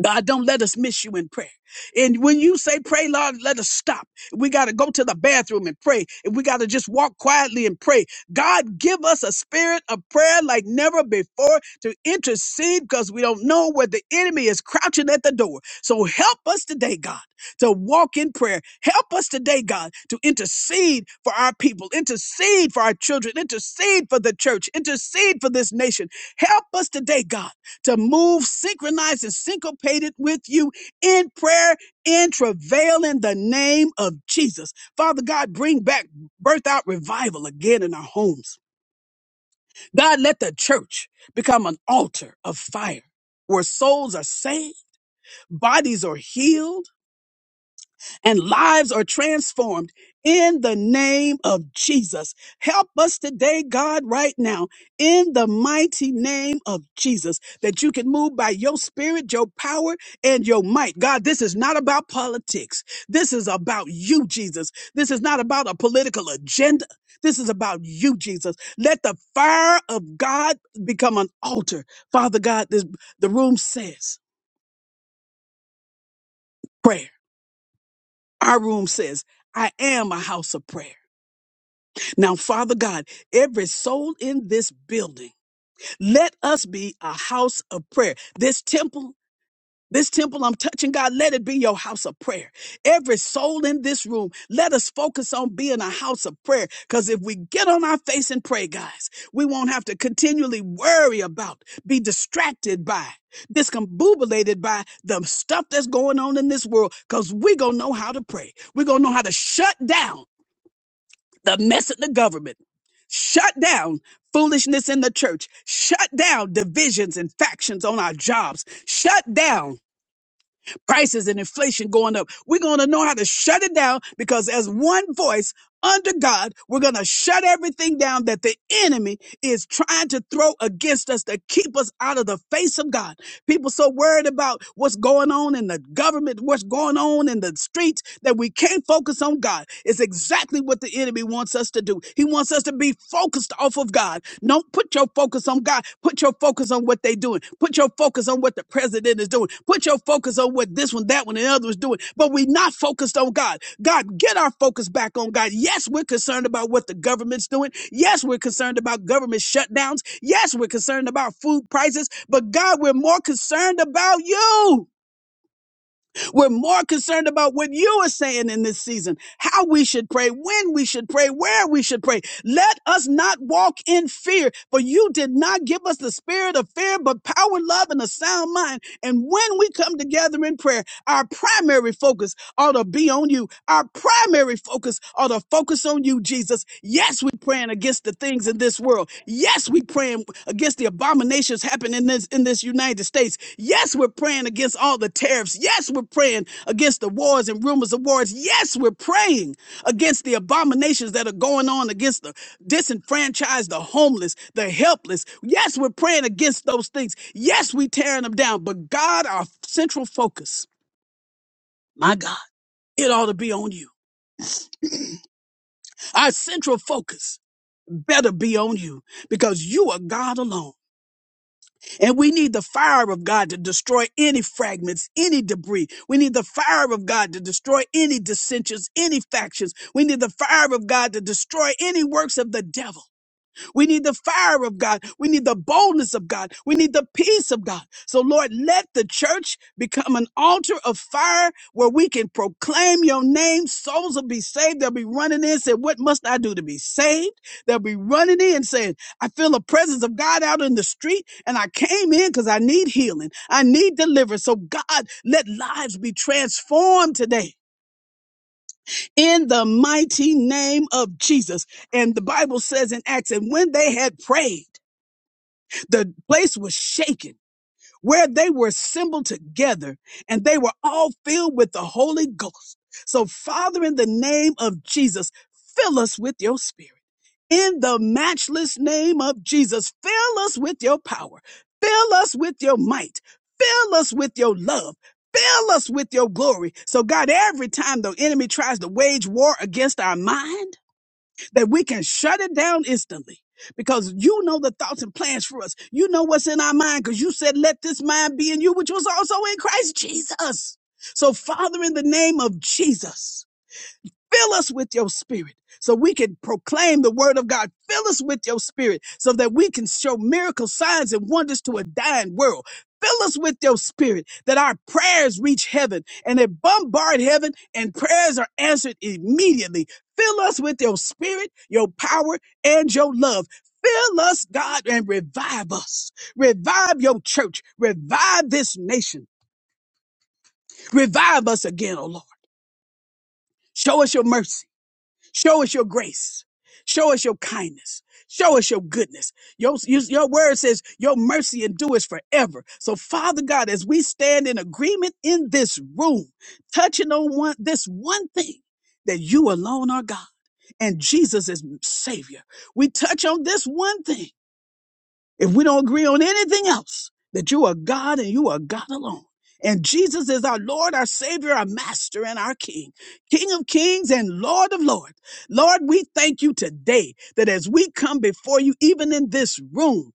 [SPEAKER 1] God, don't let us miss you in prayer. And when you say pray, Lord, let us stop. We got to go to the bathroom and pray. And we got to just walk quietly and pray. God, give us a spirit of prayer like never before to intercede because we don't know where the enemy is crouching at the door. So help us today, God, to walk in prayer. Help us today, God, to intercede for our people, intercede for our children, intercede for the church, intercede for this nation. Help us today, God to move synchronized and syncopated with you in prayer, in travail in the name of Jesus. Father God, bring back birth out revival again in our homes. God, let the church become an altar of fire where souls are saved, bodies are healed and lives are transformed in the name of Jesus. Help us today, God, right now, in the mighty name of Jesus, that you can move by your spirit, your power, and your might. God, this is not about politics. This is about you, Jesus. This is not about a political agenda. This is about you, Jesus. Let the fire of God become an altar. Father God, this, the room says prayer. Our room says, I am a house of prayer. Now, Father God, every soul in this building, let us be a house of prayer. This temple, this temple I'm touching, God, let it be your house of prayer. Every soul in this room, let us focus on being a house of prayer. Because if we get on our face and pray, guys, we won't have to continually worry about, be distracted by, discombobulated by the stuff that's going on in this world. Because we're going to know how to pray. We're going to know how to shut down the mess of the government. Shut down foolishness in the church. Shut down divisions and factions on our jobs. Shut down prices and inflation going up. We're going to know how to shut it down because as one voice under God, we're going to shut everything down that the enemy is trying to throw against us to keep us out of the face of God. People so worried about what's going on in the government, what's going on in the streets that we can't focus on God. It's exactly what the enemy wants us to do. He wants us to be focused off of God. Don't put your focus focus on God. Put your focus on what they're doing. Put your focus on what the president is doing. Put your focus on what this one, that one, and the other is doing. But we're not focused on God. God, get our focus back on God. Yes, we're concerned about what the government's doing. Yes, we're concerned about government shutdowns. Yes, we're concerned about food prices. But God, we're more concerned about you. We're more concerned about what you are saying in this season, how we should pray, when we should pray, where we should pray. Let us not walk in fear, for you did not give us the spirit of fear, but power, love, and a sound mind. And when we come together in prayer, our primary focus ought to be be on you. Our primary focus are to focus on you, Jesus. Yes, we're praying against the things in this world. Yes, we're praying against the abominations happening in this in this United States. Yes, we're praying against all the tariffs. Yes, we're praying against the wars and rumors of wars. Yes, we're praying against the abominations that are going on against the disenfranchised, the homeless, the helpless. Yes, we're praying against those things. Yes, we're tearing them down. But God, our central focus, my God, it ought to be on you. Our central focus better be on you because you are God alone. And we need the fire of God to destroy any fragments, any debris. We need the fire of God to destroy any dissensions, any factions. We need the fire of God to destroy any works of the devil. We need the fire of God. We need the boldness of God. We need the peace of God. So, Lord, let the church become an altar of fire where we can proclaim your name. Souls will be saved. They'll be running in and saying, What must I do to be saved? They'll be running in and saying, I feel the presence of God out in the street, and I came in because I need healing. I need deliverance. So, God, let lives be transformed today in the mighty name of Jesus. And the Bible says in Acts, and when they had prayed, the place was shaken where they were assembled together and they were all filled with the Holy Ghost. So, Father, in the name of Jesus, fill us with your spirit. In the matchless name of Jesus, fill us with your power. Fill us with your might. Fill us with your love. Fill us with your glory. So, God, every time the enemy tries to wage war against our mind, that we can shut it down instantly because you know the thoughts and plans for us. You know what's in our mind because you said, let this mind be in you, which was also in Christ Jesus. So, Father, in the name of Jesus, Fill us with your spirit so we can proclaim the word of God. Fill us with your spirit so that we can show miracle signs and wonders to a dying world. Fill us with your spirit that our prayers reach heaven and they bombard heaven and prayers are answered immediately. Fill us with your spirit, your power, and your love. Fill us, God, and revive us. Revive your church. Revive this nation. Revive us again, O Lord. Show us your mercy. Show us your grace. Show us your kindness. Show us your goodness. Your, your, your word says your mercy endures forever. So, Father God, as we stand in agreement in this room, touching on one, this one thing that you alone are God and Jesus is Savior, we touch on this one thing if we don't agree on anything else, that you are God and you are God alone. And Jesus is our Lord, our Savior, our Master, and our King, King of Kings and Lord of Lords. Lord, we thank you today that as we come before you, even in this room,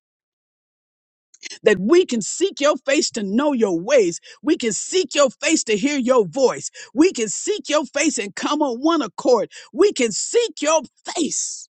[SPEAKER 1] that we can seek your face to know your ways. We can seek your face to hear your voice. We can seek your face and come on one accord. We can seek your face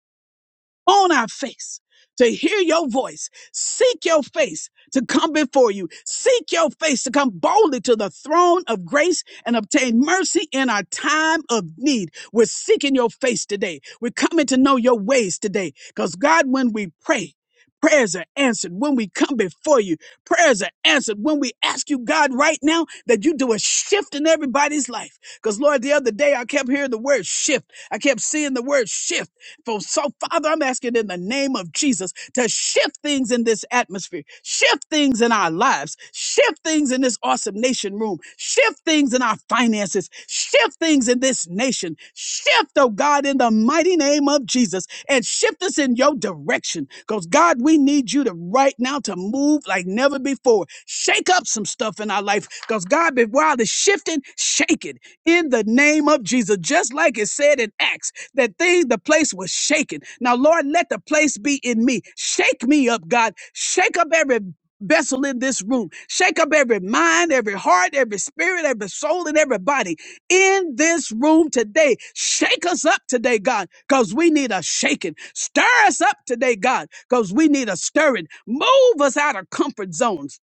[SPEAKER 1] on our face to hear your voice. Seek your face to come before you. Seek your face to come boldly to the throne of grace and obtain mercy in our time of need. We're seeking your face today. We're coming to know your ways today. Because, God, when we pray, Prayers are answered when we come before you. Prayers are answered when we ask you, God, right now that you do a shift in everybody's life. Because, Lord, the other day I kept hearing the word shift. I kept seeing the word shift. For so, Father, I'm asking in the name of Jesus to shift things in this atmosphere, shift things in our lives, shift things in this awesome nation room, shift things in our finances, shift things in this nation, shift, oh God, in the mighty name of Jesus, and shift us in your direction. Because God, we need you to right now to move like never before. Shake up some stuff in our life. Because God, be- while the shifting, shake it in the name of Jesus. Just like it said in Acts, that thing, the place was shaken. Now, Lord, let the place be in me. Shake me up, God. Shake up every vessel in this room. Shake up every mind, every heart, every spirit, every soul, and every body in this room today. Shake us up today, God, because we need a shaking. Stir us up today, God, because we need a stirring. Move us out of comfort zones.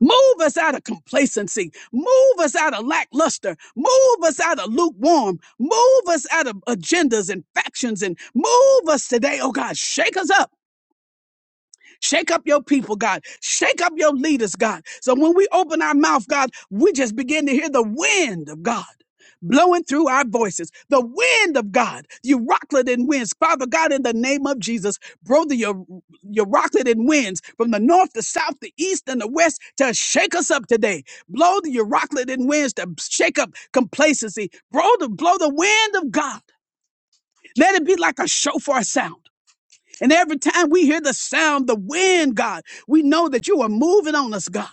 [SPEAKER 1] Move us out of complacency. Move us out of lackluster. Move us out of lukewarm. Move us out of agendas and factions and move us today, oh God. Shake us up Shake up your people, God. Shake up your leaders, God. So when we open our mouth, God, we just begin to hear the wind of God. Blowing through our voices, the wind of God, you rocklet and winds. Father God, in the name of Jesus, brother, your, your rocklet and winds from the north, the south, the east, and the west to shake us up today. Blow the, your rocklet and winds to shake up complacency. Blow the, blow the wind of God. Let it be like a shofar sound. And every time we hear the sound, the wind, God, we know that you are moving on us, God.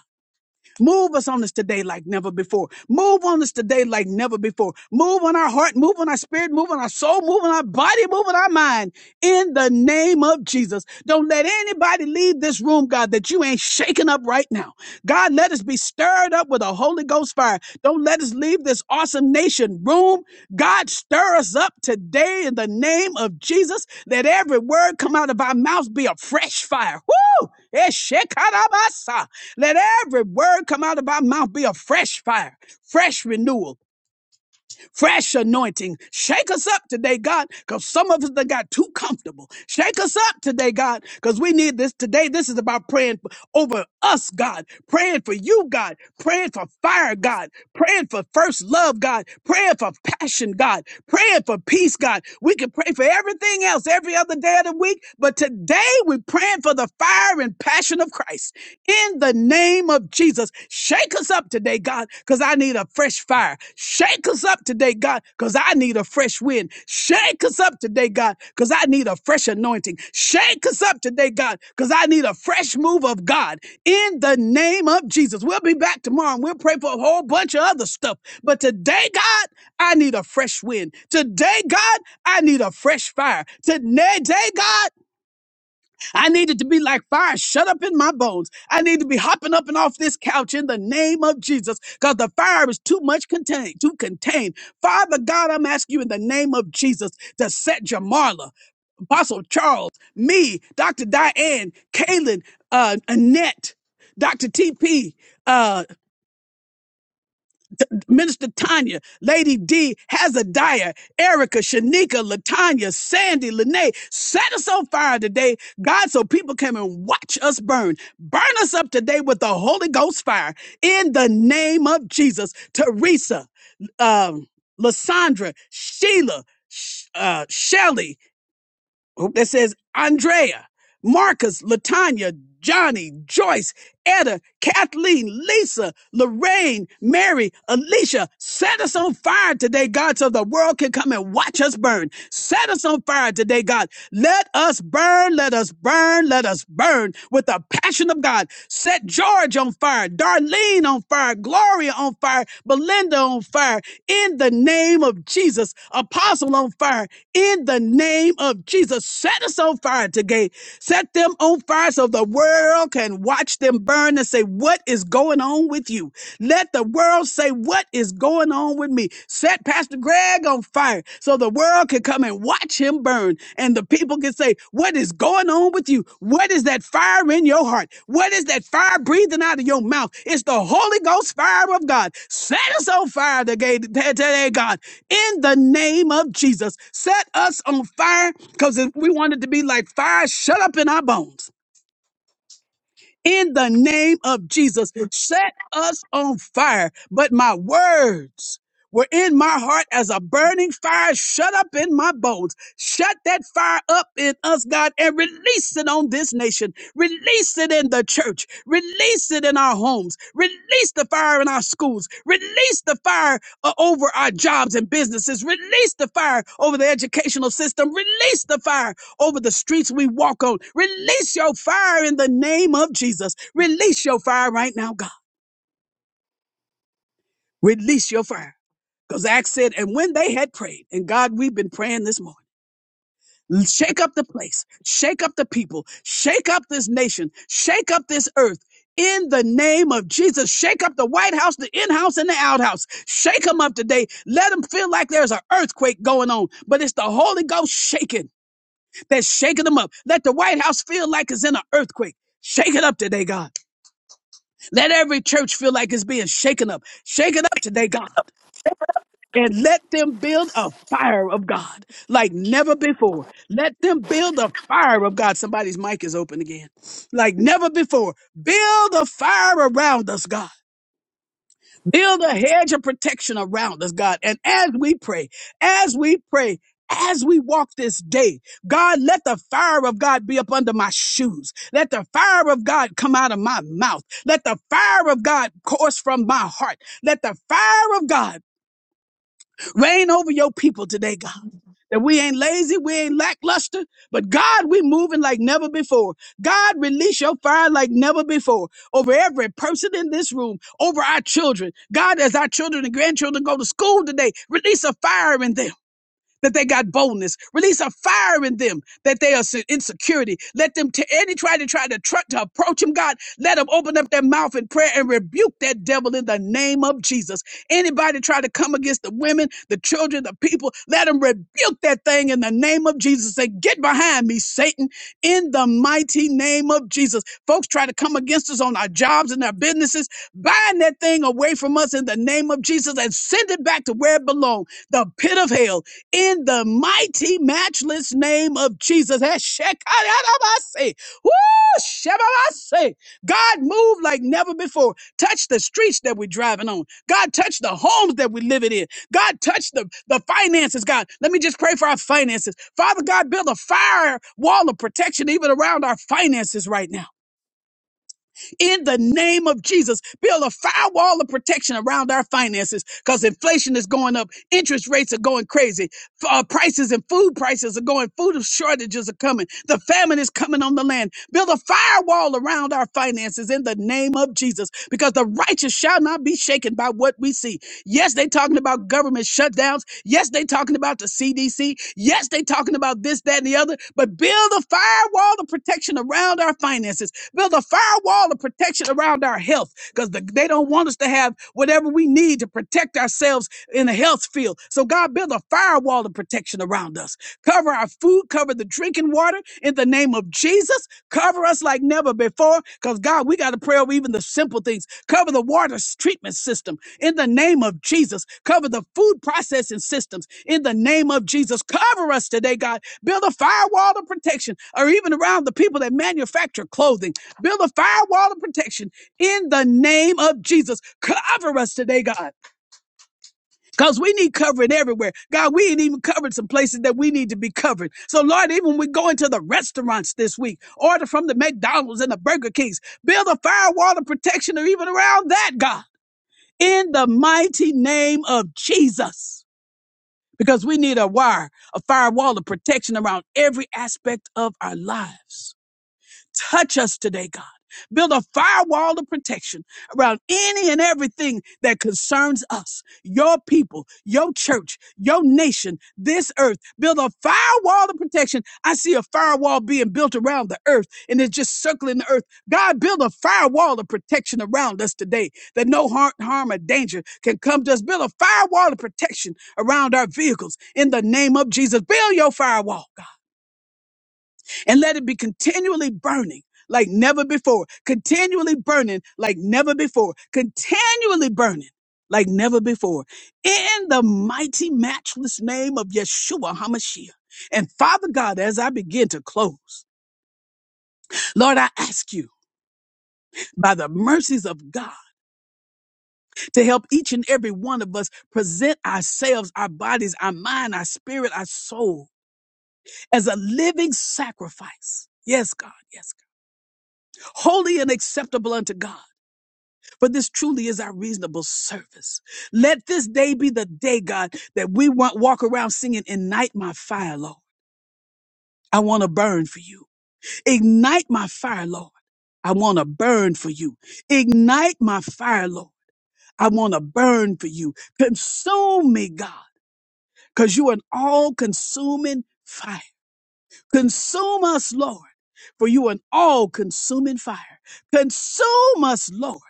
[SPEAKER 1] Move us on us today like never before. Move on us today like never before. Move on our heart, move on our spirit, move on our soul, move on our body, move on our mind. In the name of Jesus. Don't let anybody leave this room, God, that you ain't shaking up right now. God, let us be stirred up with a Holy Ghost fire. Don't let us leave this awesome nation room. God, stir us up today in the name of Jesus. Let every word come out of our mouth be a fresh fire. Woo! Eshekarabasa. Let every word come out of our mouth be a fresh fire, fresh renewal. Fresh anointing. Shake us up today, God, because some of us that got too comfortable. Shake us up today, God, because we need this today. This is about praying over us, God, praying for you, God, praying for fire, God, praying for first love, God, praying for passion, God, praying for peace, God. We can pray for everything else every other day of the week, but today we're praying for the fire and passion of Christ in the name of Jesus. Shake us up today, God, because I need a fresh fire. Shake us up today, God, because I need a fresh wind. Shake us up today, God, because I need a fresh anointing. Shake us up today, God, because I need a fresh move of God in the name of Jesus. We'll be back tomorrow and we'll pray for a whole bunch of other stuff. But today, God, I need a fresh wind. Today, God, I need a fresh fire. Today, God, I needed to be like fire shut up in my bones. I need to be hopping up and off this couch in the name of Jesus because the fire is too much contained, too contained. Father God, I'm asking you in the name of Jesus to set Jamarla, Apostle Charles, me, Dr. Diane, Kaylin, uh, Annette, Dr. TP, Minister Tanya, Lady D, Hazadiah, Erica, Shanika, Latanya, Sandy, Lene, set us on fire today, God, so people come and watch us burn. Burn us up today with the Holy Ghost fire in the name of Jesus. Teresa, um, Lysandra, Sheila, Sh- uh, Shelly, that says Andrea, Marcus, Latanya, Johnny, Joyce, Etta, Kathleen, Lisa, Lorraine, Mary, Alicia, set us on fire today, God, so the world can come and watch us burn. Set us on fire today, God. Let us burn, let us burn, let us burn with the passion of God. Set George on fire, Darlene on fire, Gloria on fire, Belinda on fire, in the name of Jesus. Apostle on fire, in the name of Jesus. Set us on fire today. Set them on fire so the world can watch them burn and say, What is going on with you? Let the world say, What is going on with me? Set Pastor Greg on fire so the world can come and watch him burn. And the people can say, What is going on with you? What is that fire in your heart? What is that fire breathing out of your mouth? It's the Holy Ghost fire of God. Set us on fire today, today God in the name of Jesus. Set us on fire because we wanted to be like fire shut up in our bones in the name of Jesus. Set us on fire. But my words were in my heart as a burning fire shut up in my bones. Shut that fire up in us, God, and release it on this nation. Release it in the church. Release it in our homes. Release the fire in our schools. Release the fire uh, over our jobs and businesses. Release the fire over the educational system. Release the fire over the streets we walk on. Release your fire in the name of Jesus. Release your fire right now, God. Release your fire. Because Acts said, and when they had prayed, and God, we've been praying this morning. Shake up the place, shake up the people, shake up this nation, shake up this earth in the name of Jesus. Shake up the White House, the in house, and the outhouse. Shake them up today. Let them feel like there's an earthquake going on, but it's the Holy Ghost shaking. that's shaking them up. Let the White House feel like it's in an earthquake. Shake it up today, God. Let every church feel like it's being shaken up. Shake it up today, God. And let them build a fire of God like never before. Let them build a fire of God. Somebody's mic is open again. Like never before. Build a fire around us, God. Build a hedge of protection around us, God. And as we pray, as we pray, as we walk this day, God, let the fire of God be up under my shoes. Let the fire of God come out of my mouth. Let the fire of God course from my heart. Let the fire of God reign over your people today, God that we ain't lazy, we ain't lackluster, but God, we moving like never before. God, release your fire like never before over every person in this room, over our children. God, as our children and grandchildren go to school today, release a fire in them that they got boldness. Release a fire in them that they are se- in security. Let them to any try to try to try to approach him, God. Let them open up their mouth in prayer and rebuke that devil in the name of Jesus. Anybody try to come against the women, the children, the people, let them rebuke that thing in the name of Jesus. Say, get behind me, Satan, in the mighty name of Jesus. Folks try to come against us on our jobs and our businesses. Bind that thing away from us in the name of Jesus and send it back to where it belongs, the pit of hell in the mighty, matchless name of Jesus. Heshekadadabase. Woo! Shebabase. God, move like never before. Touch the streets that we're driving on. God, touch the homes that we're living in. God, touch the, the finances, God. Let me just pray for our finances. Father God, build a fire wall of protection even around our finances right now. In the name of Jesus, build a firewall of protection around our finances because inflation is going up. Interest rates are going crazy. F- Uh, prices and food prices are going. Food shortages are coming. The famine is coming on the land. Build a firewall around our finances in the name of Jesus because the righteous shall not be shaken by what we see. Yes, they talking about government shutdowns. Yes, they talking about the CDC. Yes, they talking about this, that, and the other. But build a firewall of protection around our finances. Build a firewall of protection around our health because the, they don't want us to have whatever we need to protect ourselves in the health field. So, God, build a firewall of protection around us. Cover our food, cover the drinking water in the name of Jesus. Cover us like never before because, God, we got to pray over even the simple things. Cover the water treatment system in the name of Jesus. Cover the food processing systems in the name of Jesus. Cover us today, God. Build a firewall of protection or even around the people that manufacture clothing. Build a firewall of protection in the name of Jesus. Cover us today, God. Because we need covering everywhere. God, we ain't even covered some places that we need to be covered. So, Lord, even when we go into the restaurants this week, order from the McDonald's and the Burger Kings, build a firewall of protection or even around that, God, in the mighty name of Jesus. Because we need a wire, a firewall of protection around every aspect of our lives. Touch us today, God. Build a firewall of protection around any and everything that concerns us, your people, your church, your nation, this earth. Build a firewall of protection. I see a firewall being built around the earth and it's just circling the earth. God, build a firewall of protection around us today that no harm, harm or danger can come to us. Build a firewall of protection around our vehicles in the name of Jesus. Build your firewall, God and let it be continually burning like never before, continually burning like never before, continually burning like never before, in the mighty, matchless name of Yeshua HaMashiach. And Father God, as I begin to close, Lord, I ask you by the mercies of God to help each and every one of us present ourselves, our bodies, our mind, our spirit, our soul as a living sacrifice. Yes, God, yes, God. Holy and acceptable unto God For this truly is our reasonable service. Let this day be the day, God, that we want walk around singing, Ignite my fire, Lord. I want to burn for you. Ignite my fire, Lord. I want to burn for you. Ignite my fire, Lord. I want to burn for you. Consume me, God, because you are an all consuming fire. Consume us, Lord, for you are an all consuming fire. Consume us, Lord,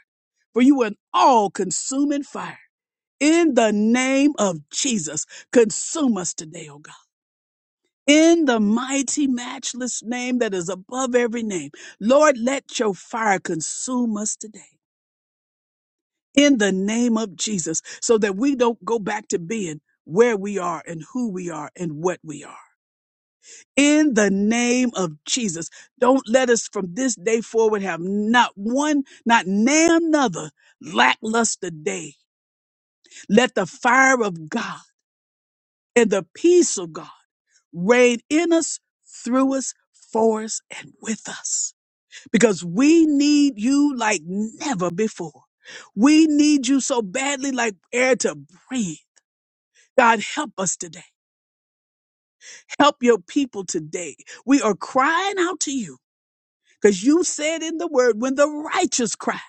[SPEAKER 1] for you are an all consuming fire. In the name of Jesus, consume us today, oh God. In the mighty, matchless name that is above every name, Lord, let your fire consume us today. In the name of Jesus, so that we don't go back to being where we are and who we are and what we are. In the name of Jesus, don't let us from this day forward have not one, not name another lackluster day. Let the fire of God And the peace of God reign in us, through us, for us, and with us. Because we need you like never before. We need you so badly like air to breathe. God, help us today. Help your people today. We are crying out to you because you said in the word, when the righteous cry,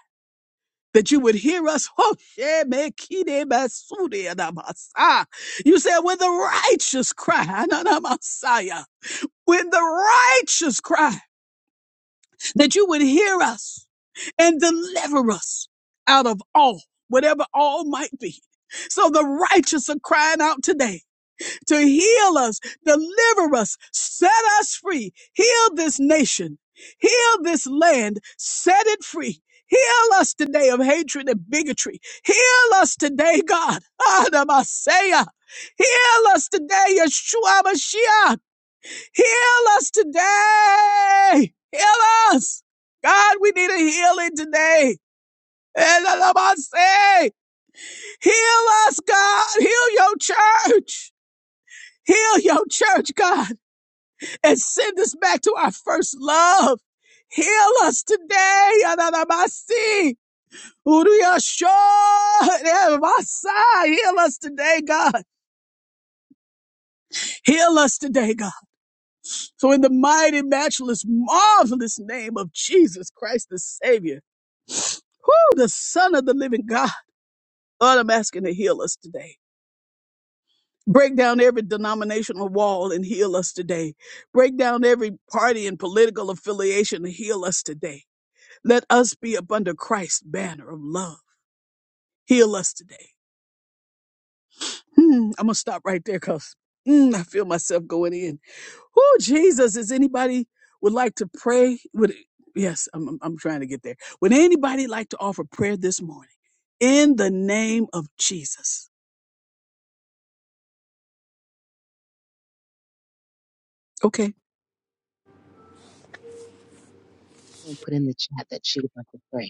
[SPEAKER 1] that you would hear us. Oh, shemekidebasudiadabasa. You said, when the righteous cry, ananamasa, when the righteous cry, that you would hear us and deliver us out of all, whatever all might be. So the righteous are crying out today to heal us, deliver us, set us free, heal this nation, heal this land, set it free. Heal us today of hatred and bigotry. Heal us today, God. Adamasiah. Heal us today, Yeshua Mashiach. Heal us today. Heal us. God, we need a healing today. And I say, heal us, God. Heal your church. Heal your church, God, and send us back to our first love. Heal us today. Yanadabasi. Uriyasho. Yanadabasa. Heal us today, God. Heal us today, God. So in the mighty, matchless, marvelous name of Jesus Christ the Savior. the Son of the living God. Lord, I'm asking to heal us today. Break down every denominational wall and heal us today. Break down every party and political affiliation and heal us today. Let us be up under Christ's banner of love. Heal us today. Hmm, I'm going to stop right there because I feel myself going in. Oh, Jesus, is anybody would like to pray? Would Yes, I'm, I'm I'm trying to get there. Would anybody like to offer prayer this morning in the name of Jesus? Okay.
[SPEAKER 5] put in the chat that she would like to pray.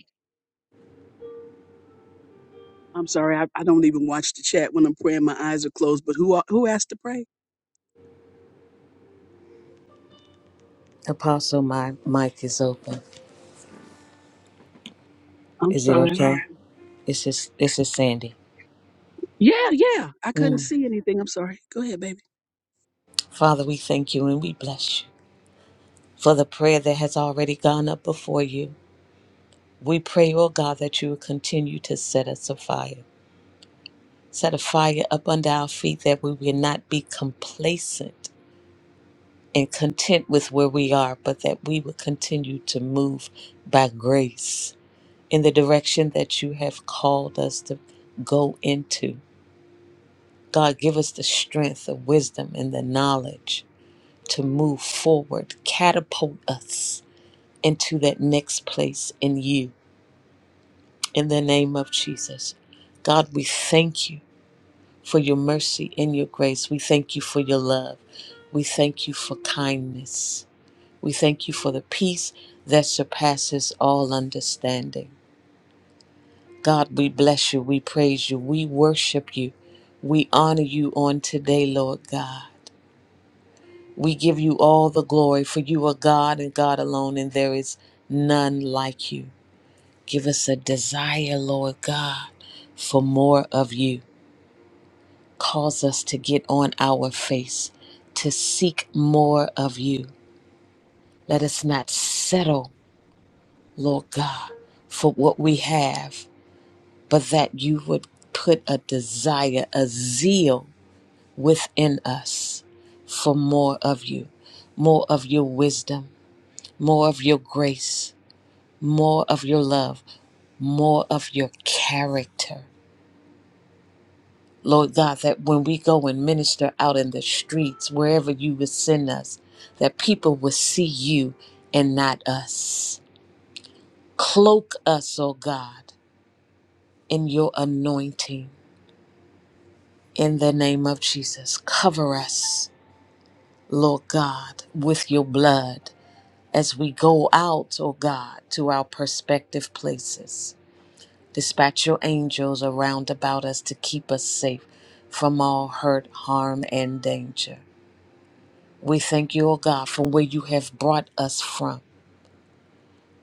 [SPEAKER 1] I'm sorry, I, I don't even watch the chat when I'm praying. My eyes are closed. But who a- who asked to pray?
[SPEAKER 6] Apostle, my mic is open.
[SPEAKER 1] I'm
[SPEAKER 6] Is it
[SPEAKER 1] sorry.
[SPEAKER 6] okay? This is this is Sandy.
[SPEAKER 1] Yeah, yeah. I couldn't
[SPEAKER 6] Mm.
[SPEAKER 1] see anything. I'm sorry. Go ahead, baby.
[SPEAKER 6] Father, we thank you and we bless you for the prayer that has already gone up before you. We pray, oh God, that you will continue to set us afire. Set a fire up under our feet that we will not be complacent and content with where we are, but that we will continue to move by grace in the direction that you have called us to go into. God, give us the strength, the wisdom, and the knowledge to move forward, catapult us into that next place in you. In the name of Jesus. God, we thank you for your mercy and your grace. We thank you for your love. We thank you for kindness. We thank you for the peace that surpasses all understanding. God, we bless you. We praise you. We worship you. We honor you on today, Lord God. We give you all the glory, for you are God and God alone, and there is none like you. Give us a desire, Lord God, for more of you. Cause us to get on our face, to seek more of you. Let us not settle, Lord God, for what we have, but that you would put a desire, a zeal within us for more of you, more of your wisdom, more of your grace more of your love, more of your character. Lord God, that when we go and minister out in the streets, wherever you would send us, that people will see you and not us. Cloak us, O God, in your anointing. In the name of Jesus, cover us, Lord God, with your blood as we go out, O God, to our prospective places. Dispatch your angels around about us to keep us safe from all hurt, harm, and danger. We thank you, O God, from where you have brought us from,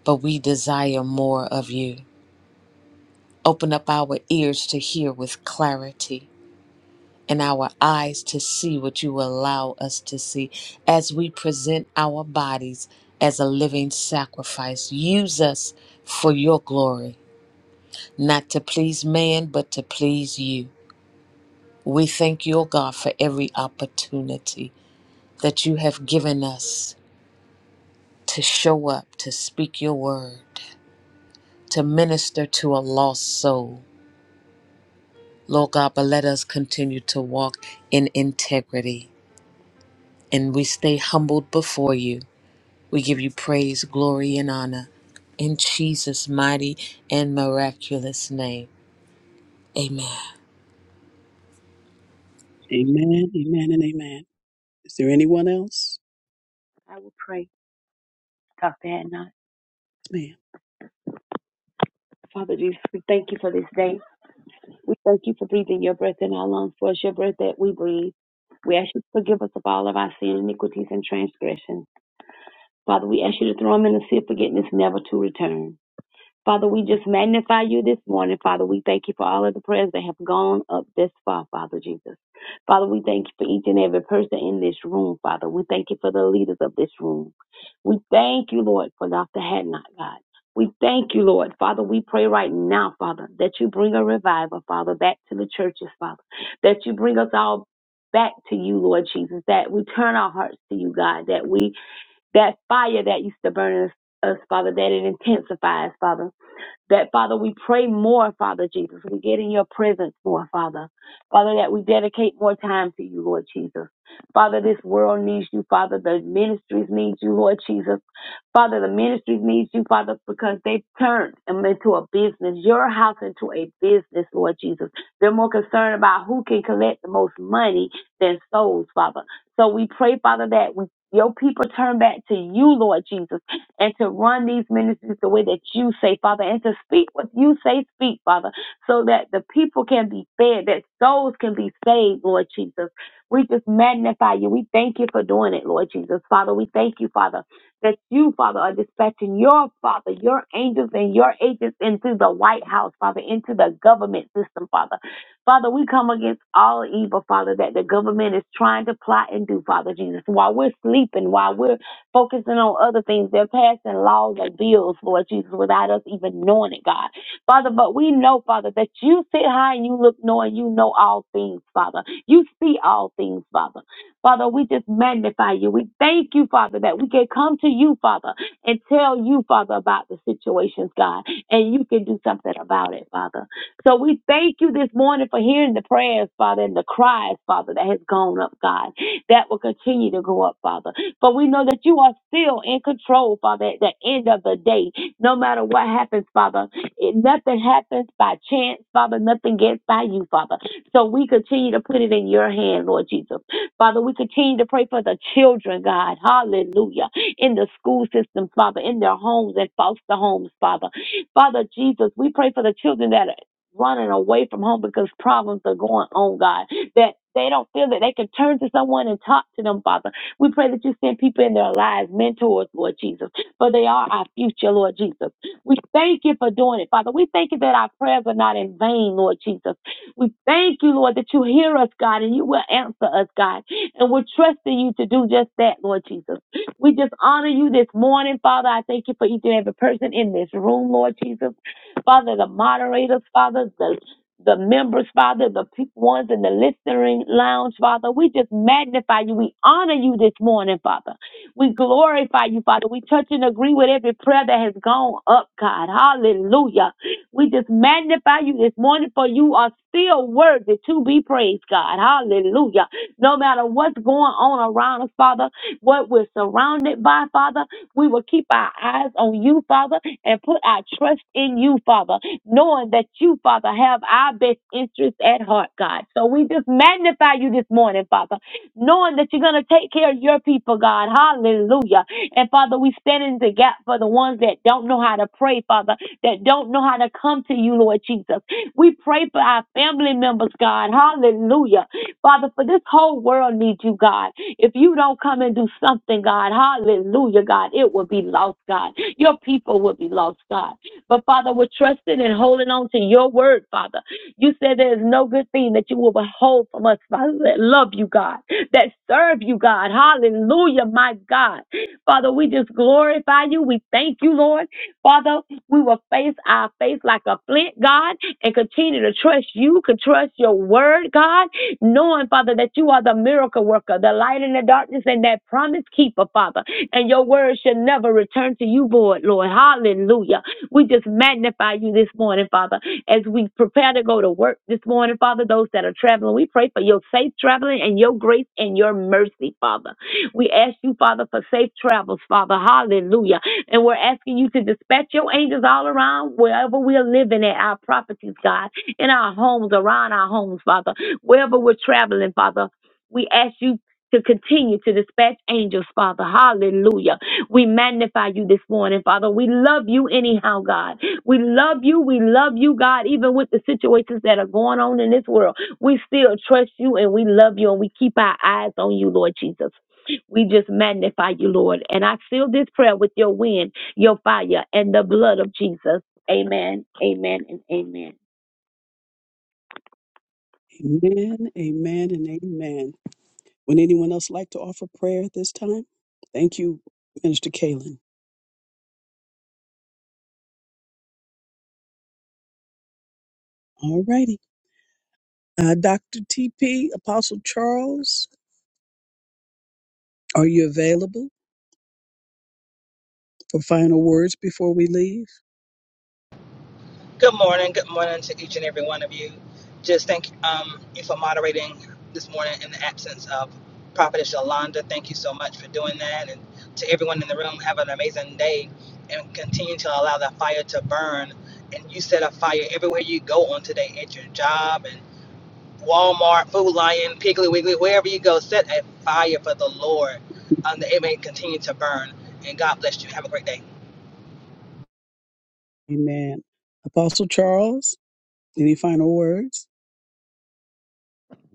[SPEAKER 6] but we desire more of you. Open up our ears to hear with clarity and our eyes to see what you allow us to see as we present our bodies as a living sacrifice. Use us for your glory, not to please man, but to please you. We thank you, O God, for every opportunity that you have given us to show up, to speak your word, to minister to a lost soul. Lord God, but let us continue to walk in integrity and we stay humbled before you. We give you praise, glory, and honor in Jesus' mighty and miraculous name. Amen.
[SPEAKER 1] Amen, amen, and amen. Is there anyone else?
[SPEAKER 7] I will pray, Dr. Hannah.
[SPEAKER 1] Yes,
[SPEAKER 7] Father Jesus, we thank you for this day. We thank you for breathing your breath in our lungs, for it's your breath that we breathe. We ask you to forgive us of all of our sin, iniquities, and transgressions. Father, we ask you to throw them in the sea of forgiveness, never to return. Father, we just magnify you this morning. Father, we thank you for all of the prayers that have gone up this far, Father Jesus. Father, we thank you for each and every person in this room, Father. We thank you for the leaders of this room. We thank you, Lord, for Dr. Hadnot, God. We thank you, Lord. Father, we pray right now, Father, that you bring a revival, Father, back to the churches, Father, that you bring us all back to you, Lord Jesus, that we turn our hearts to you, God, that we, that fire that used to burn us, us Father, that it intensifies, Father that, Father, we pray more, Father Jesus. We get in your presence more, Father. Father, that we dedicate more time to you, Lord Jesus. Father, this world needs you, Father. The ministries need you, Lord Jesus. Father, the ministries need you, Father, because they've turned them into a business, your house into a business, Lord Jesus. They're more concerned about who can collect the most money than souls, Father. So we pray, Father, that we, your people turn back to you, Lord Jesus and to run these ministries the way that you say, Father, and to speak what you say, speak, Father, so that the people can be fed, that souls can be saved, Lord Jesus. We just magnify you. We thank you for doing it, Lord Jesus. Father, we thank you, Father, that you, Father, are dispatching your, Father, your angels and your agents into the White House, Father, into the government system, Father. Father, we come against all evil, Father, that the government is trying to plot and do, Father Jesus, while we're sleeping, while we're focusing on other things. They're passing laws and bills, Lord Jesus, without us even knowing it, God. Father, but we know, Father, that you sit high and you look low and you know all things, Father. You see all things, Father. Father, we just magnify you. We thank you, Father, that we can come to you, Father, and tell you, Father, about the situations, God, and you can do something about it, Father. So we thank you this morning for hearing the prayers, Father, and the cries, Father, that has gone up, God, that will continue to go up, Father. But we know that you are still in control, Father, at the end of the day. No matter what happens, Father, it, nothing happens by chance, Father. Nothing gets by you, Father. So we continue to put it in your hand, Lord Jesus. Father, we continue to pray for the children, God. Hallelujah. In the school system, Father, in their homes and foster homes, Father. Father Jesus, we pray for the children that are running away from home because problems are going on, God. That they don't feel that they can turn to someone and talk to them, Father. We pray that you send people in their lives, mentors, Lord Jesus, for they are our future, Lord Jesus. We thank you for doing it, Father. We thank you that our prayers are not in vain, Lord Jesus. We thank you, Lord, that you hear us, God, and you will answer us, God. And we're trusting you to do just that, Lord Jesus. We just honor you this morning, Father. I thank you for each and every person in this room, Lord Jesus. Father, the moderators, Father, the the members, Father, the pe- ones in the listening lounge, Father. We just magnify you. We honor you this morning, Father. We glorify you, Father. We touch and agree with every prayer that has gone up, God. Hallelujah. We just magnify you this morning, for you are still worthy to be praised, God. Hallelujah. No matter what's going on around us, Father, what we're surrounded by, Father, we will keep our eyes on you, Father, and put our trust in you, Father knowing that you, Father, have our best interests at heart, God. So we just magnify you this morning, Father, knowing that you're going to take care of your people, God. Hallelujah. And Father, we stand in the gap for the ones that don't know how to pray, Father, that don't know how to come to you, Lord Jesus. We pray for our family members, God. Hallelujah. Father, for this whole world needs you, God. If you don't come and do something, God, hallelujah, God, it will be lost, God. Your people will be lost, God. But Father, we're trusting and holding on to your word, Father. You said there is no good thing that you will withhold from us, Father, that love you, God, that serve you, God. Hallelujah, my God. Father, we just glorify you. We thank you, Lord. Father, we will face our face like a flint, God, and continue to trust you, Could trust your word, God, knowing, Father, that you are the miracle worker, the light in the darkness, and that promise keeper, Father. And your word should never return to you, void, Lord. Hallelujah. We just magnify you this morning, Father, as we prepare to go to work this morning, Father. Those that are traveling, we pray for your safe traveling and your grace and your mercy, Father. We ask you, Father, for safe travels, Father. Hallelujah. And we're asking you to dispatch your angels all around wherever we're living at our properties, God, in our homes, around our homes, Father, wherever we're traveling, Father. We ask you to continue to dispatch angels, Father. Hallelujah we magnify you this morning, Father. We love you anyhow, God. We love you. We love you, God, even with the situations that are going on in this world. We still trust you and we love you and we keep our eyes on you, Lord Jesus. We just magnify you, Lord. And I seal this prayer with your wind, your fire, and the blood of Jesus. Amen, amen, and amen.
[SPEAKER 1] ma'am. Amen, amen, and amen. Would anyone else like to offer prayer at this time? Thank you, Minister Kalen. All righty. Uh, Dr. TP, Apostle Charles, are you available for final words before we leave?
[SPEAKER 8] Good morning. Good morning to each and every one of you. Just thank um, you for moderating this morning in the absence of Prophetess Yolanda. Thank you so much for doing that. And to everyone in the room, have an amazing day and continue to allow that fire to burn. And you set a fire everywhere you go on today at your job and Walmart, Food Lion, Piggly Wiggly, wherever you go, set a fire for the Lord um, that it may continue to burn. And God bless you. Have a great day.
[SPEAKER 1] Amen. Apostle Charles? Any final words?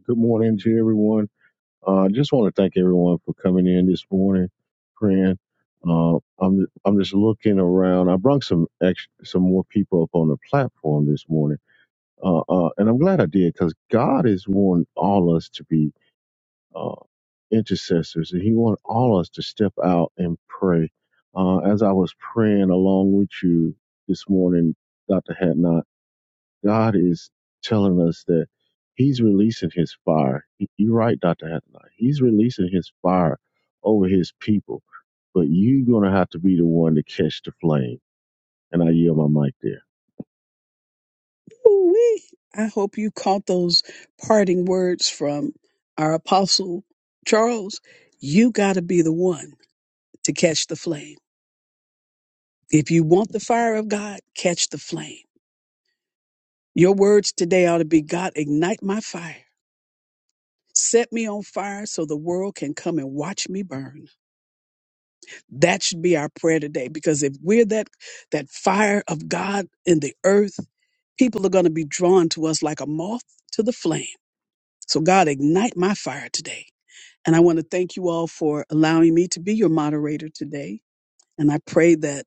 [SPEAKER 9] Good morning to everyone. Uh, I uh, just want to thank everyone for coming in this morning, praying. Uh, I'm I'm just looking around. I brought some ex some more people up on the platform this morning, uh, uh, and I'm glad I did because God is wanting all us to be uh, intercessors, and He wants all us to step out and pray. Uh, as I was praying along with you this morning, Doctor Hatnot. God is telling us that He's releasing His fire. Y- You're right, Dr. Hattonai. He's releasing His fire over His people, but you're going to have to be the one to catch the flame. And I yield my mic there.
[SPEAKER 1] Ooh-wee. I hope you caught those parting words from our apostle Charles. You got to be the one to catch the flame. If you want the fire of God, catch the flame. Your words today ought to be God, ignite my fire. Set me on fire so the world can come and watch me burn. That should be our prayer today because if we're that that fire of God in the earth, people are going to be drawn to us like a moth to the flame. So God ignite my fire today. And I want to thank you all for allowing me to be your moderator today. And I pray that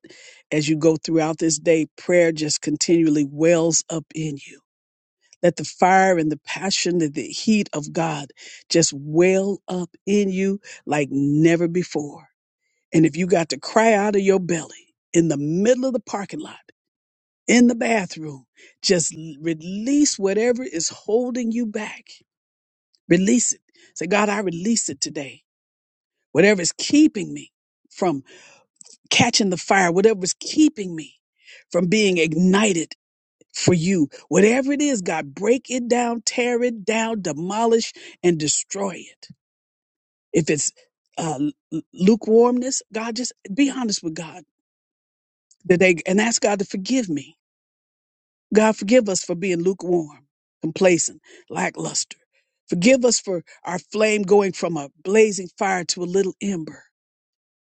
[SPEAKER 1] as you go throughout this day, prayer just continually wells up in you let the fire and the passion and the heat of God just well up in you like never before. And if you got to cry out of your belly in the middle of the parking lot, in the bathroom, just l- release whatever is holding you back. Release it. Say, God, I release it today. Whatever is keeping me from catching the fire, whatever is keeping me from being ignited for you. Whatever it is, God, break it down, tear it down, demolish and destroy it. If it's uh, l- lukewarmness, God, just be honest with God today and ask God to forgive me. God, forgive us for being lukewarm, complacent, lackluster. Forgive us for our flame going from a blazing fire to a little ember.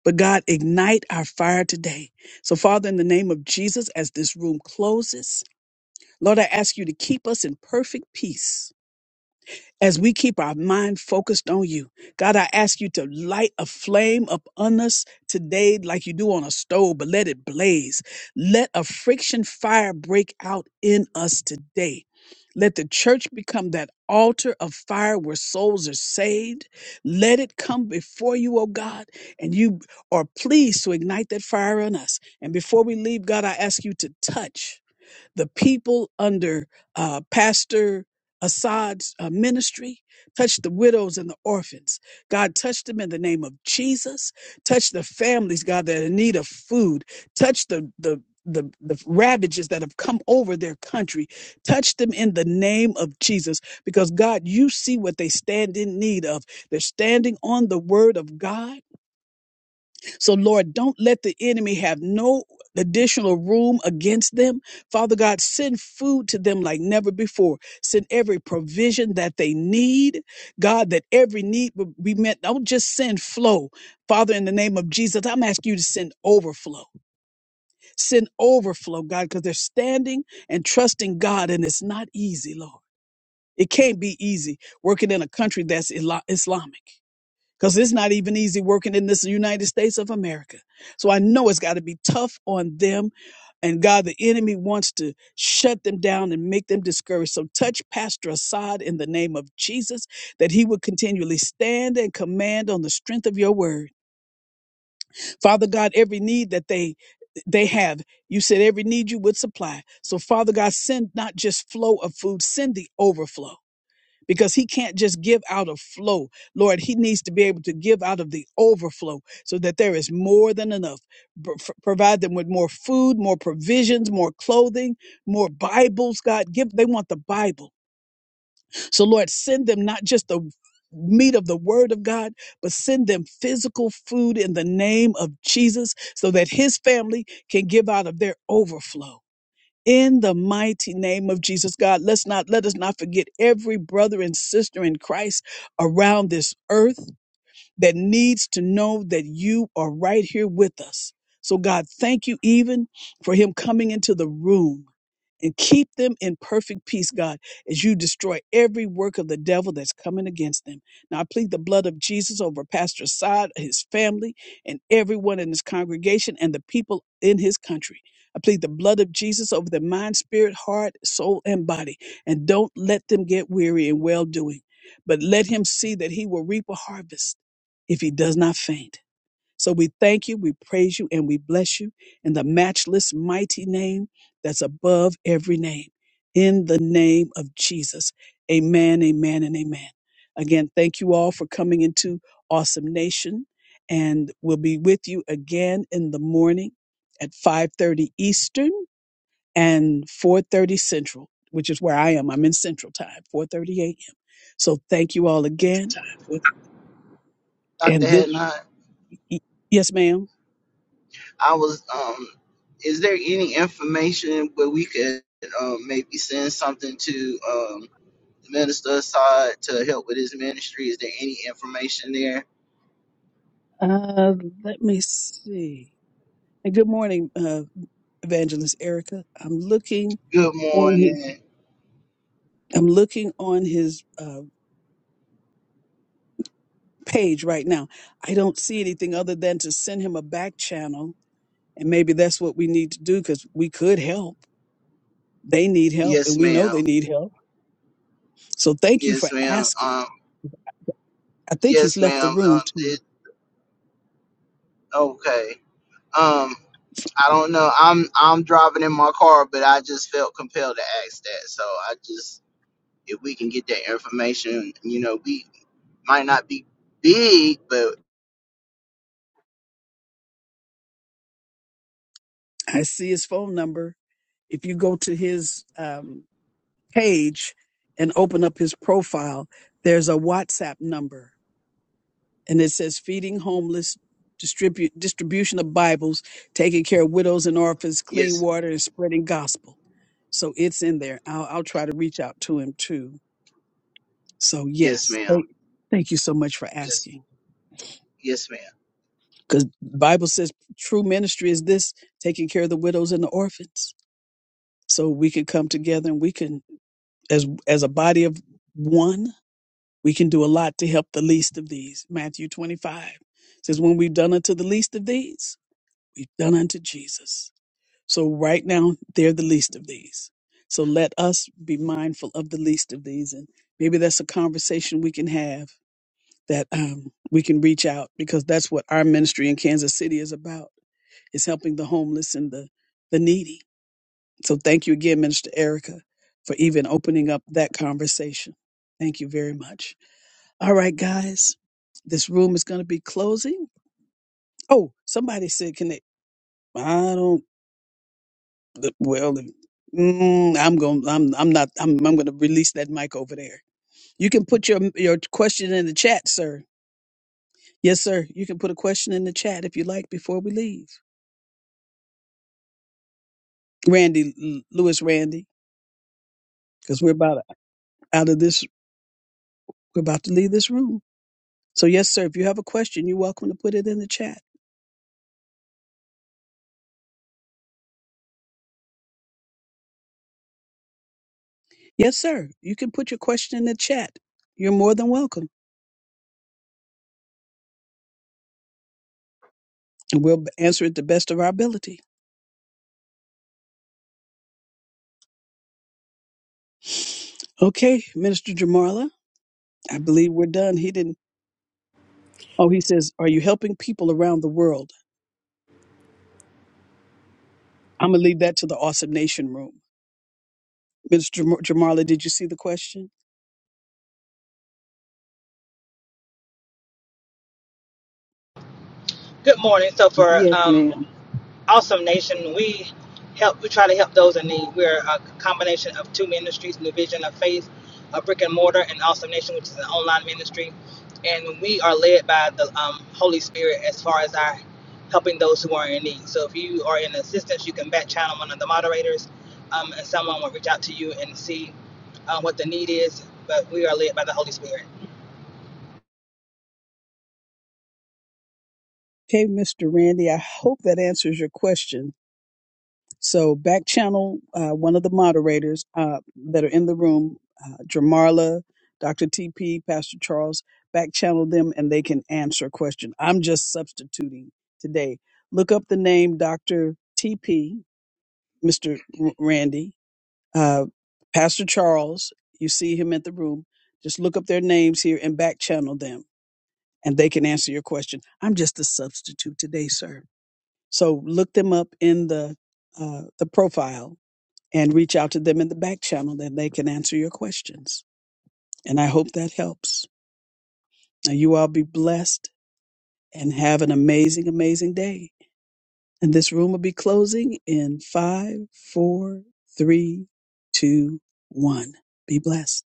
[SPEAKER 1] But God, ignite our fire today. So, Father, in the name of Jesus, as this room closes, Lord, I ask you to keep us in perfect peace as we keep our mind focused on you. God, I ask you to light a flame up on us today like you do on a stove, but let it blaze. Let a friction fire break out in us today. Let the church become that altar of fire where souls are saved. Let it come before you, oh God, and you are pleased to ignite that fire on us. And before we leave, God, I ask you to touch the people under uh, Pastor Assad's uh, ministry. Touch the widows and the orphans. God, touch them in the name of Jesus. Touch the families, God, that are in need of food. Touch the, the, the, the ravages that have come over their country. Touch them in the name of Jesus because, God, you see what they stand in need of. They're standing on the word of God. So, Lord, don't let the enemy have no additional room against them. Father God, send food to them like never before. Send every provision that they need. God, that every need will be met. Don't just send flow. Father, in the name of Jesus, I'm asking you to send overflow. Send overflow, God, because they're standing and trusting God, and it's not easy, Lord. It can't be easy working in a country that's Isla- Islamic because it's not even easy working in this United States of America. So I know it's got to be tough on them. And God, the enemy wants to shut them down and make them discouraged. So touch Pastor Assad in the name of Jesus, that he would continually stand and command on the strength of your word. Father God, every need that they they have. You said every need you would supply. So Father God, send not just flow of food, send the overflow because he can't just give out of flow. Lord, he needs to be able to give out of the overflow so that there is more than enough. Pro- f- provide them with more food, more provisions, more clothing, more Bibles, God. Give they want the Bible. So Lord, send them not just the meat of the word of God, but send them physical food in the name of Jesus so that his family can give out of their overflow in the mighty name of Jesus, God, let's not let us not forget every brother and sister in Christ around this earth that needs to know that you are right here with us. So, God, thank you even for him coming into the room and keep them in perfect peace, God, as you destroy every work of the devil that's coming against them. Now I plead the blood of Jesus over Pastor Sod, his family, and everyone in his congregation and the people in his country. I plead the blood of Jesus over their mind, spirit, heart, soul, and body. And don't let them get weary in well doing, but let him see that he will reap a harvest if he does not faint. So we thank you, we praise you, and we bless you in the matchless, mighty name that's above every name. In the name of Jesus. Amen, amen, and amen. Again, thank you all for coming into Awesome Nation. And we'll be with you again in the morning at 5:30 Eastern and 4:30 Central, which is where I am. I'm in Central Time, 4:30 a.m. So thank you all
[SPEAKER 10] Central
[SPEAKER 1] again.
[SPEAKER 10] Time with Dr.
[SPEAKER 1] And this,
[SPEAKER 10] Hadnot.
[SPEAKER 1] yes, ma'am.
[SPEAKER 10] I was, um, is there any information where we could um, maybe send something to um, the minister Assad to help with his ministry? Is there any information there?
[SPEAKER 1] Uh, let me see. And good morning, uh, Evangelist Erica. I'm looking
[SPEAKER 10] Good
[SPEAKER 1] on.
[SPEAKER 10] morning.
[SPEAKER 1] I'm looking on his uh, page right now. I don't see anything other than to send him a back channel, and maybe that's what we need to do because we could help. They need help,
[SPEAKER 10] Yes,
[SPEAKER 1] and we know
[SPEAKER 10] ma'am.
[SPEAKER 1] they need help. So thank you for
[SPEAKER 10] Yes, ma'am.
[SPEAKER 1] asking.
[SPEAKER 10] Um,
[SPEAKER 1] I think he's
[SPEAKER 10] yes,
[SPEAKER 1] left the
[SPEAKER 10] ma'am. Um,
[SPEAKER 1] room too.
[SPEAKER 10] it, okay. Um, I don't know. I'm I'm driving in my car, but I just felt compelled to ask that. So I just, if we can get that information, you know, we Might not be big, but
[SPEAKER 1] I see his phone number. If you go to his um, page and open up his profile, there's a WhatsApp number and it says feeding homeless distribute distribution of bibles taking care of widows and orphans clean
[SPEAKER 10] yes,
[SPEAKER 1] water and spreading gospel so it's in there i'll, I'll try to reach out to him too so
[SPEAKER 10] yes,
[SPEAKER 1] yes
[SPEAKER 10] ma'am.
[SPEAKER 1] thank, thank you so much for
[SPEAKER 10] Yes,
[SPEAKER 1] asking
[SPEAKER 10] yes, ma'am.
[SPEAKER 1] because bible says true ministry is this taking care of the widows and the orphans so we can come together and we can as as a body of one we can do a lot to help the least of these matthew 25 says when we've done unto the least of these we've done unto Jesus. So right now, they're the least of these. So let us be mindful of the least of these. And maybe that's a conversation we can have that um, we can reach out because that's what our ministry in Kansas City is about, is helping the homeless and the, the needy. So thank you again, Minister Erica, for even opening up that conversation. Thank you very much. All right, guys, this room is going to be closing. Oh, somebody said, can they? I don't. The- Well, the- mm, I'm going. I'm. I'm not. I'm. I'm going to release that mic over there. You can put your your question in the chat, sir. Yes, sir. You can put a question in the chat if you like before we leave. Randy L- Lewis, Randy, because we're about out of this. We're about to leave this room. So yes, sir. If you have a question, you're welcome to put it in the chat. Yes, sir. You can put your question in the chat. You're more than welcome, and we'll b- answer it the best of our ability. Okay, Minister Jamarla, I believe we're done. He didn't. Oh, he says, Are you helping people around the world? I'm going to leave that to the Awesome Nation room. Mr. Jam- Jamarla, did you see the question?
[SPEAKER 8] Good morning. So for
[SPEAKER 2] Yes,
[SPEAKER 8] um,
[SPEAKER 2] ma'am.
[SPEAKER 8] Awesome Nation, we help. We try to help those in need. We're a combination of two ministries: New Vision of Faith, a brick and mortar, and Awesome Nation, which is an online ministry. And we are led by the um, Holy Spirit as far as our helping those who are in need. So if you are in assistance, you can back channel one of the moderators, um, and someone will reach out to you and see uh, what the need is. But we are led by the Holy Spirit.
[SPEAKER 1] Okay, Mr. Randy, I hope that answers your question. So back channel uh, one of the moderators uh, that are in the room, uh, Jamarla, Dr. TP, Pastor Charles. Back channel them, and they can answer a question. I'm just substituting today. Look up the name Dr. TP, Mr. R- Randy, uh, Pastor Charles. You see him at the room. Just look up their names here and back channel them, and they can answer your question. I'm just a substitute today, sir. So look them up in the uh, the profile and reach out to them in the back channel that they can answer your questions. And I hope that helps. Now, you all be blessed and have an amazing, amazing day. And this room will be closing in five, four, three, two, one. Be blessed.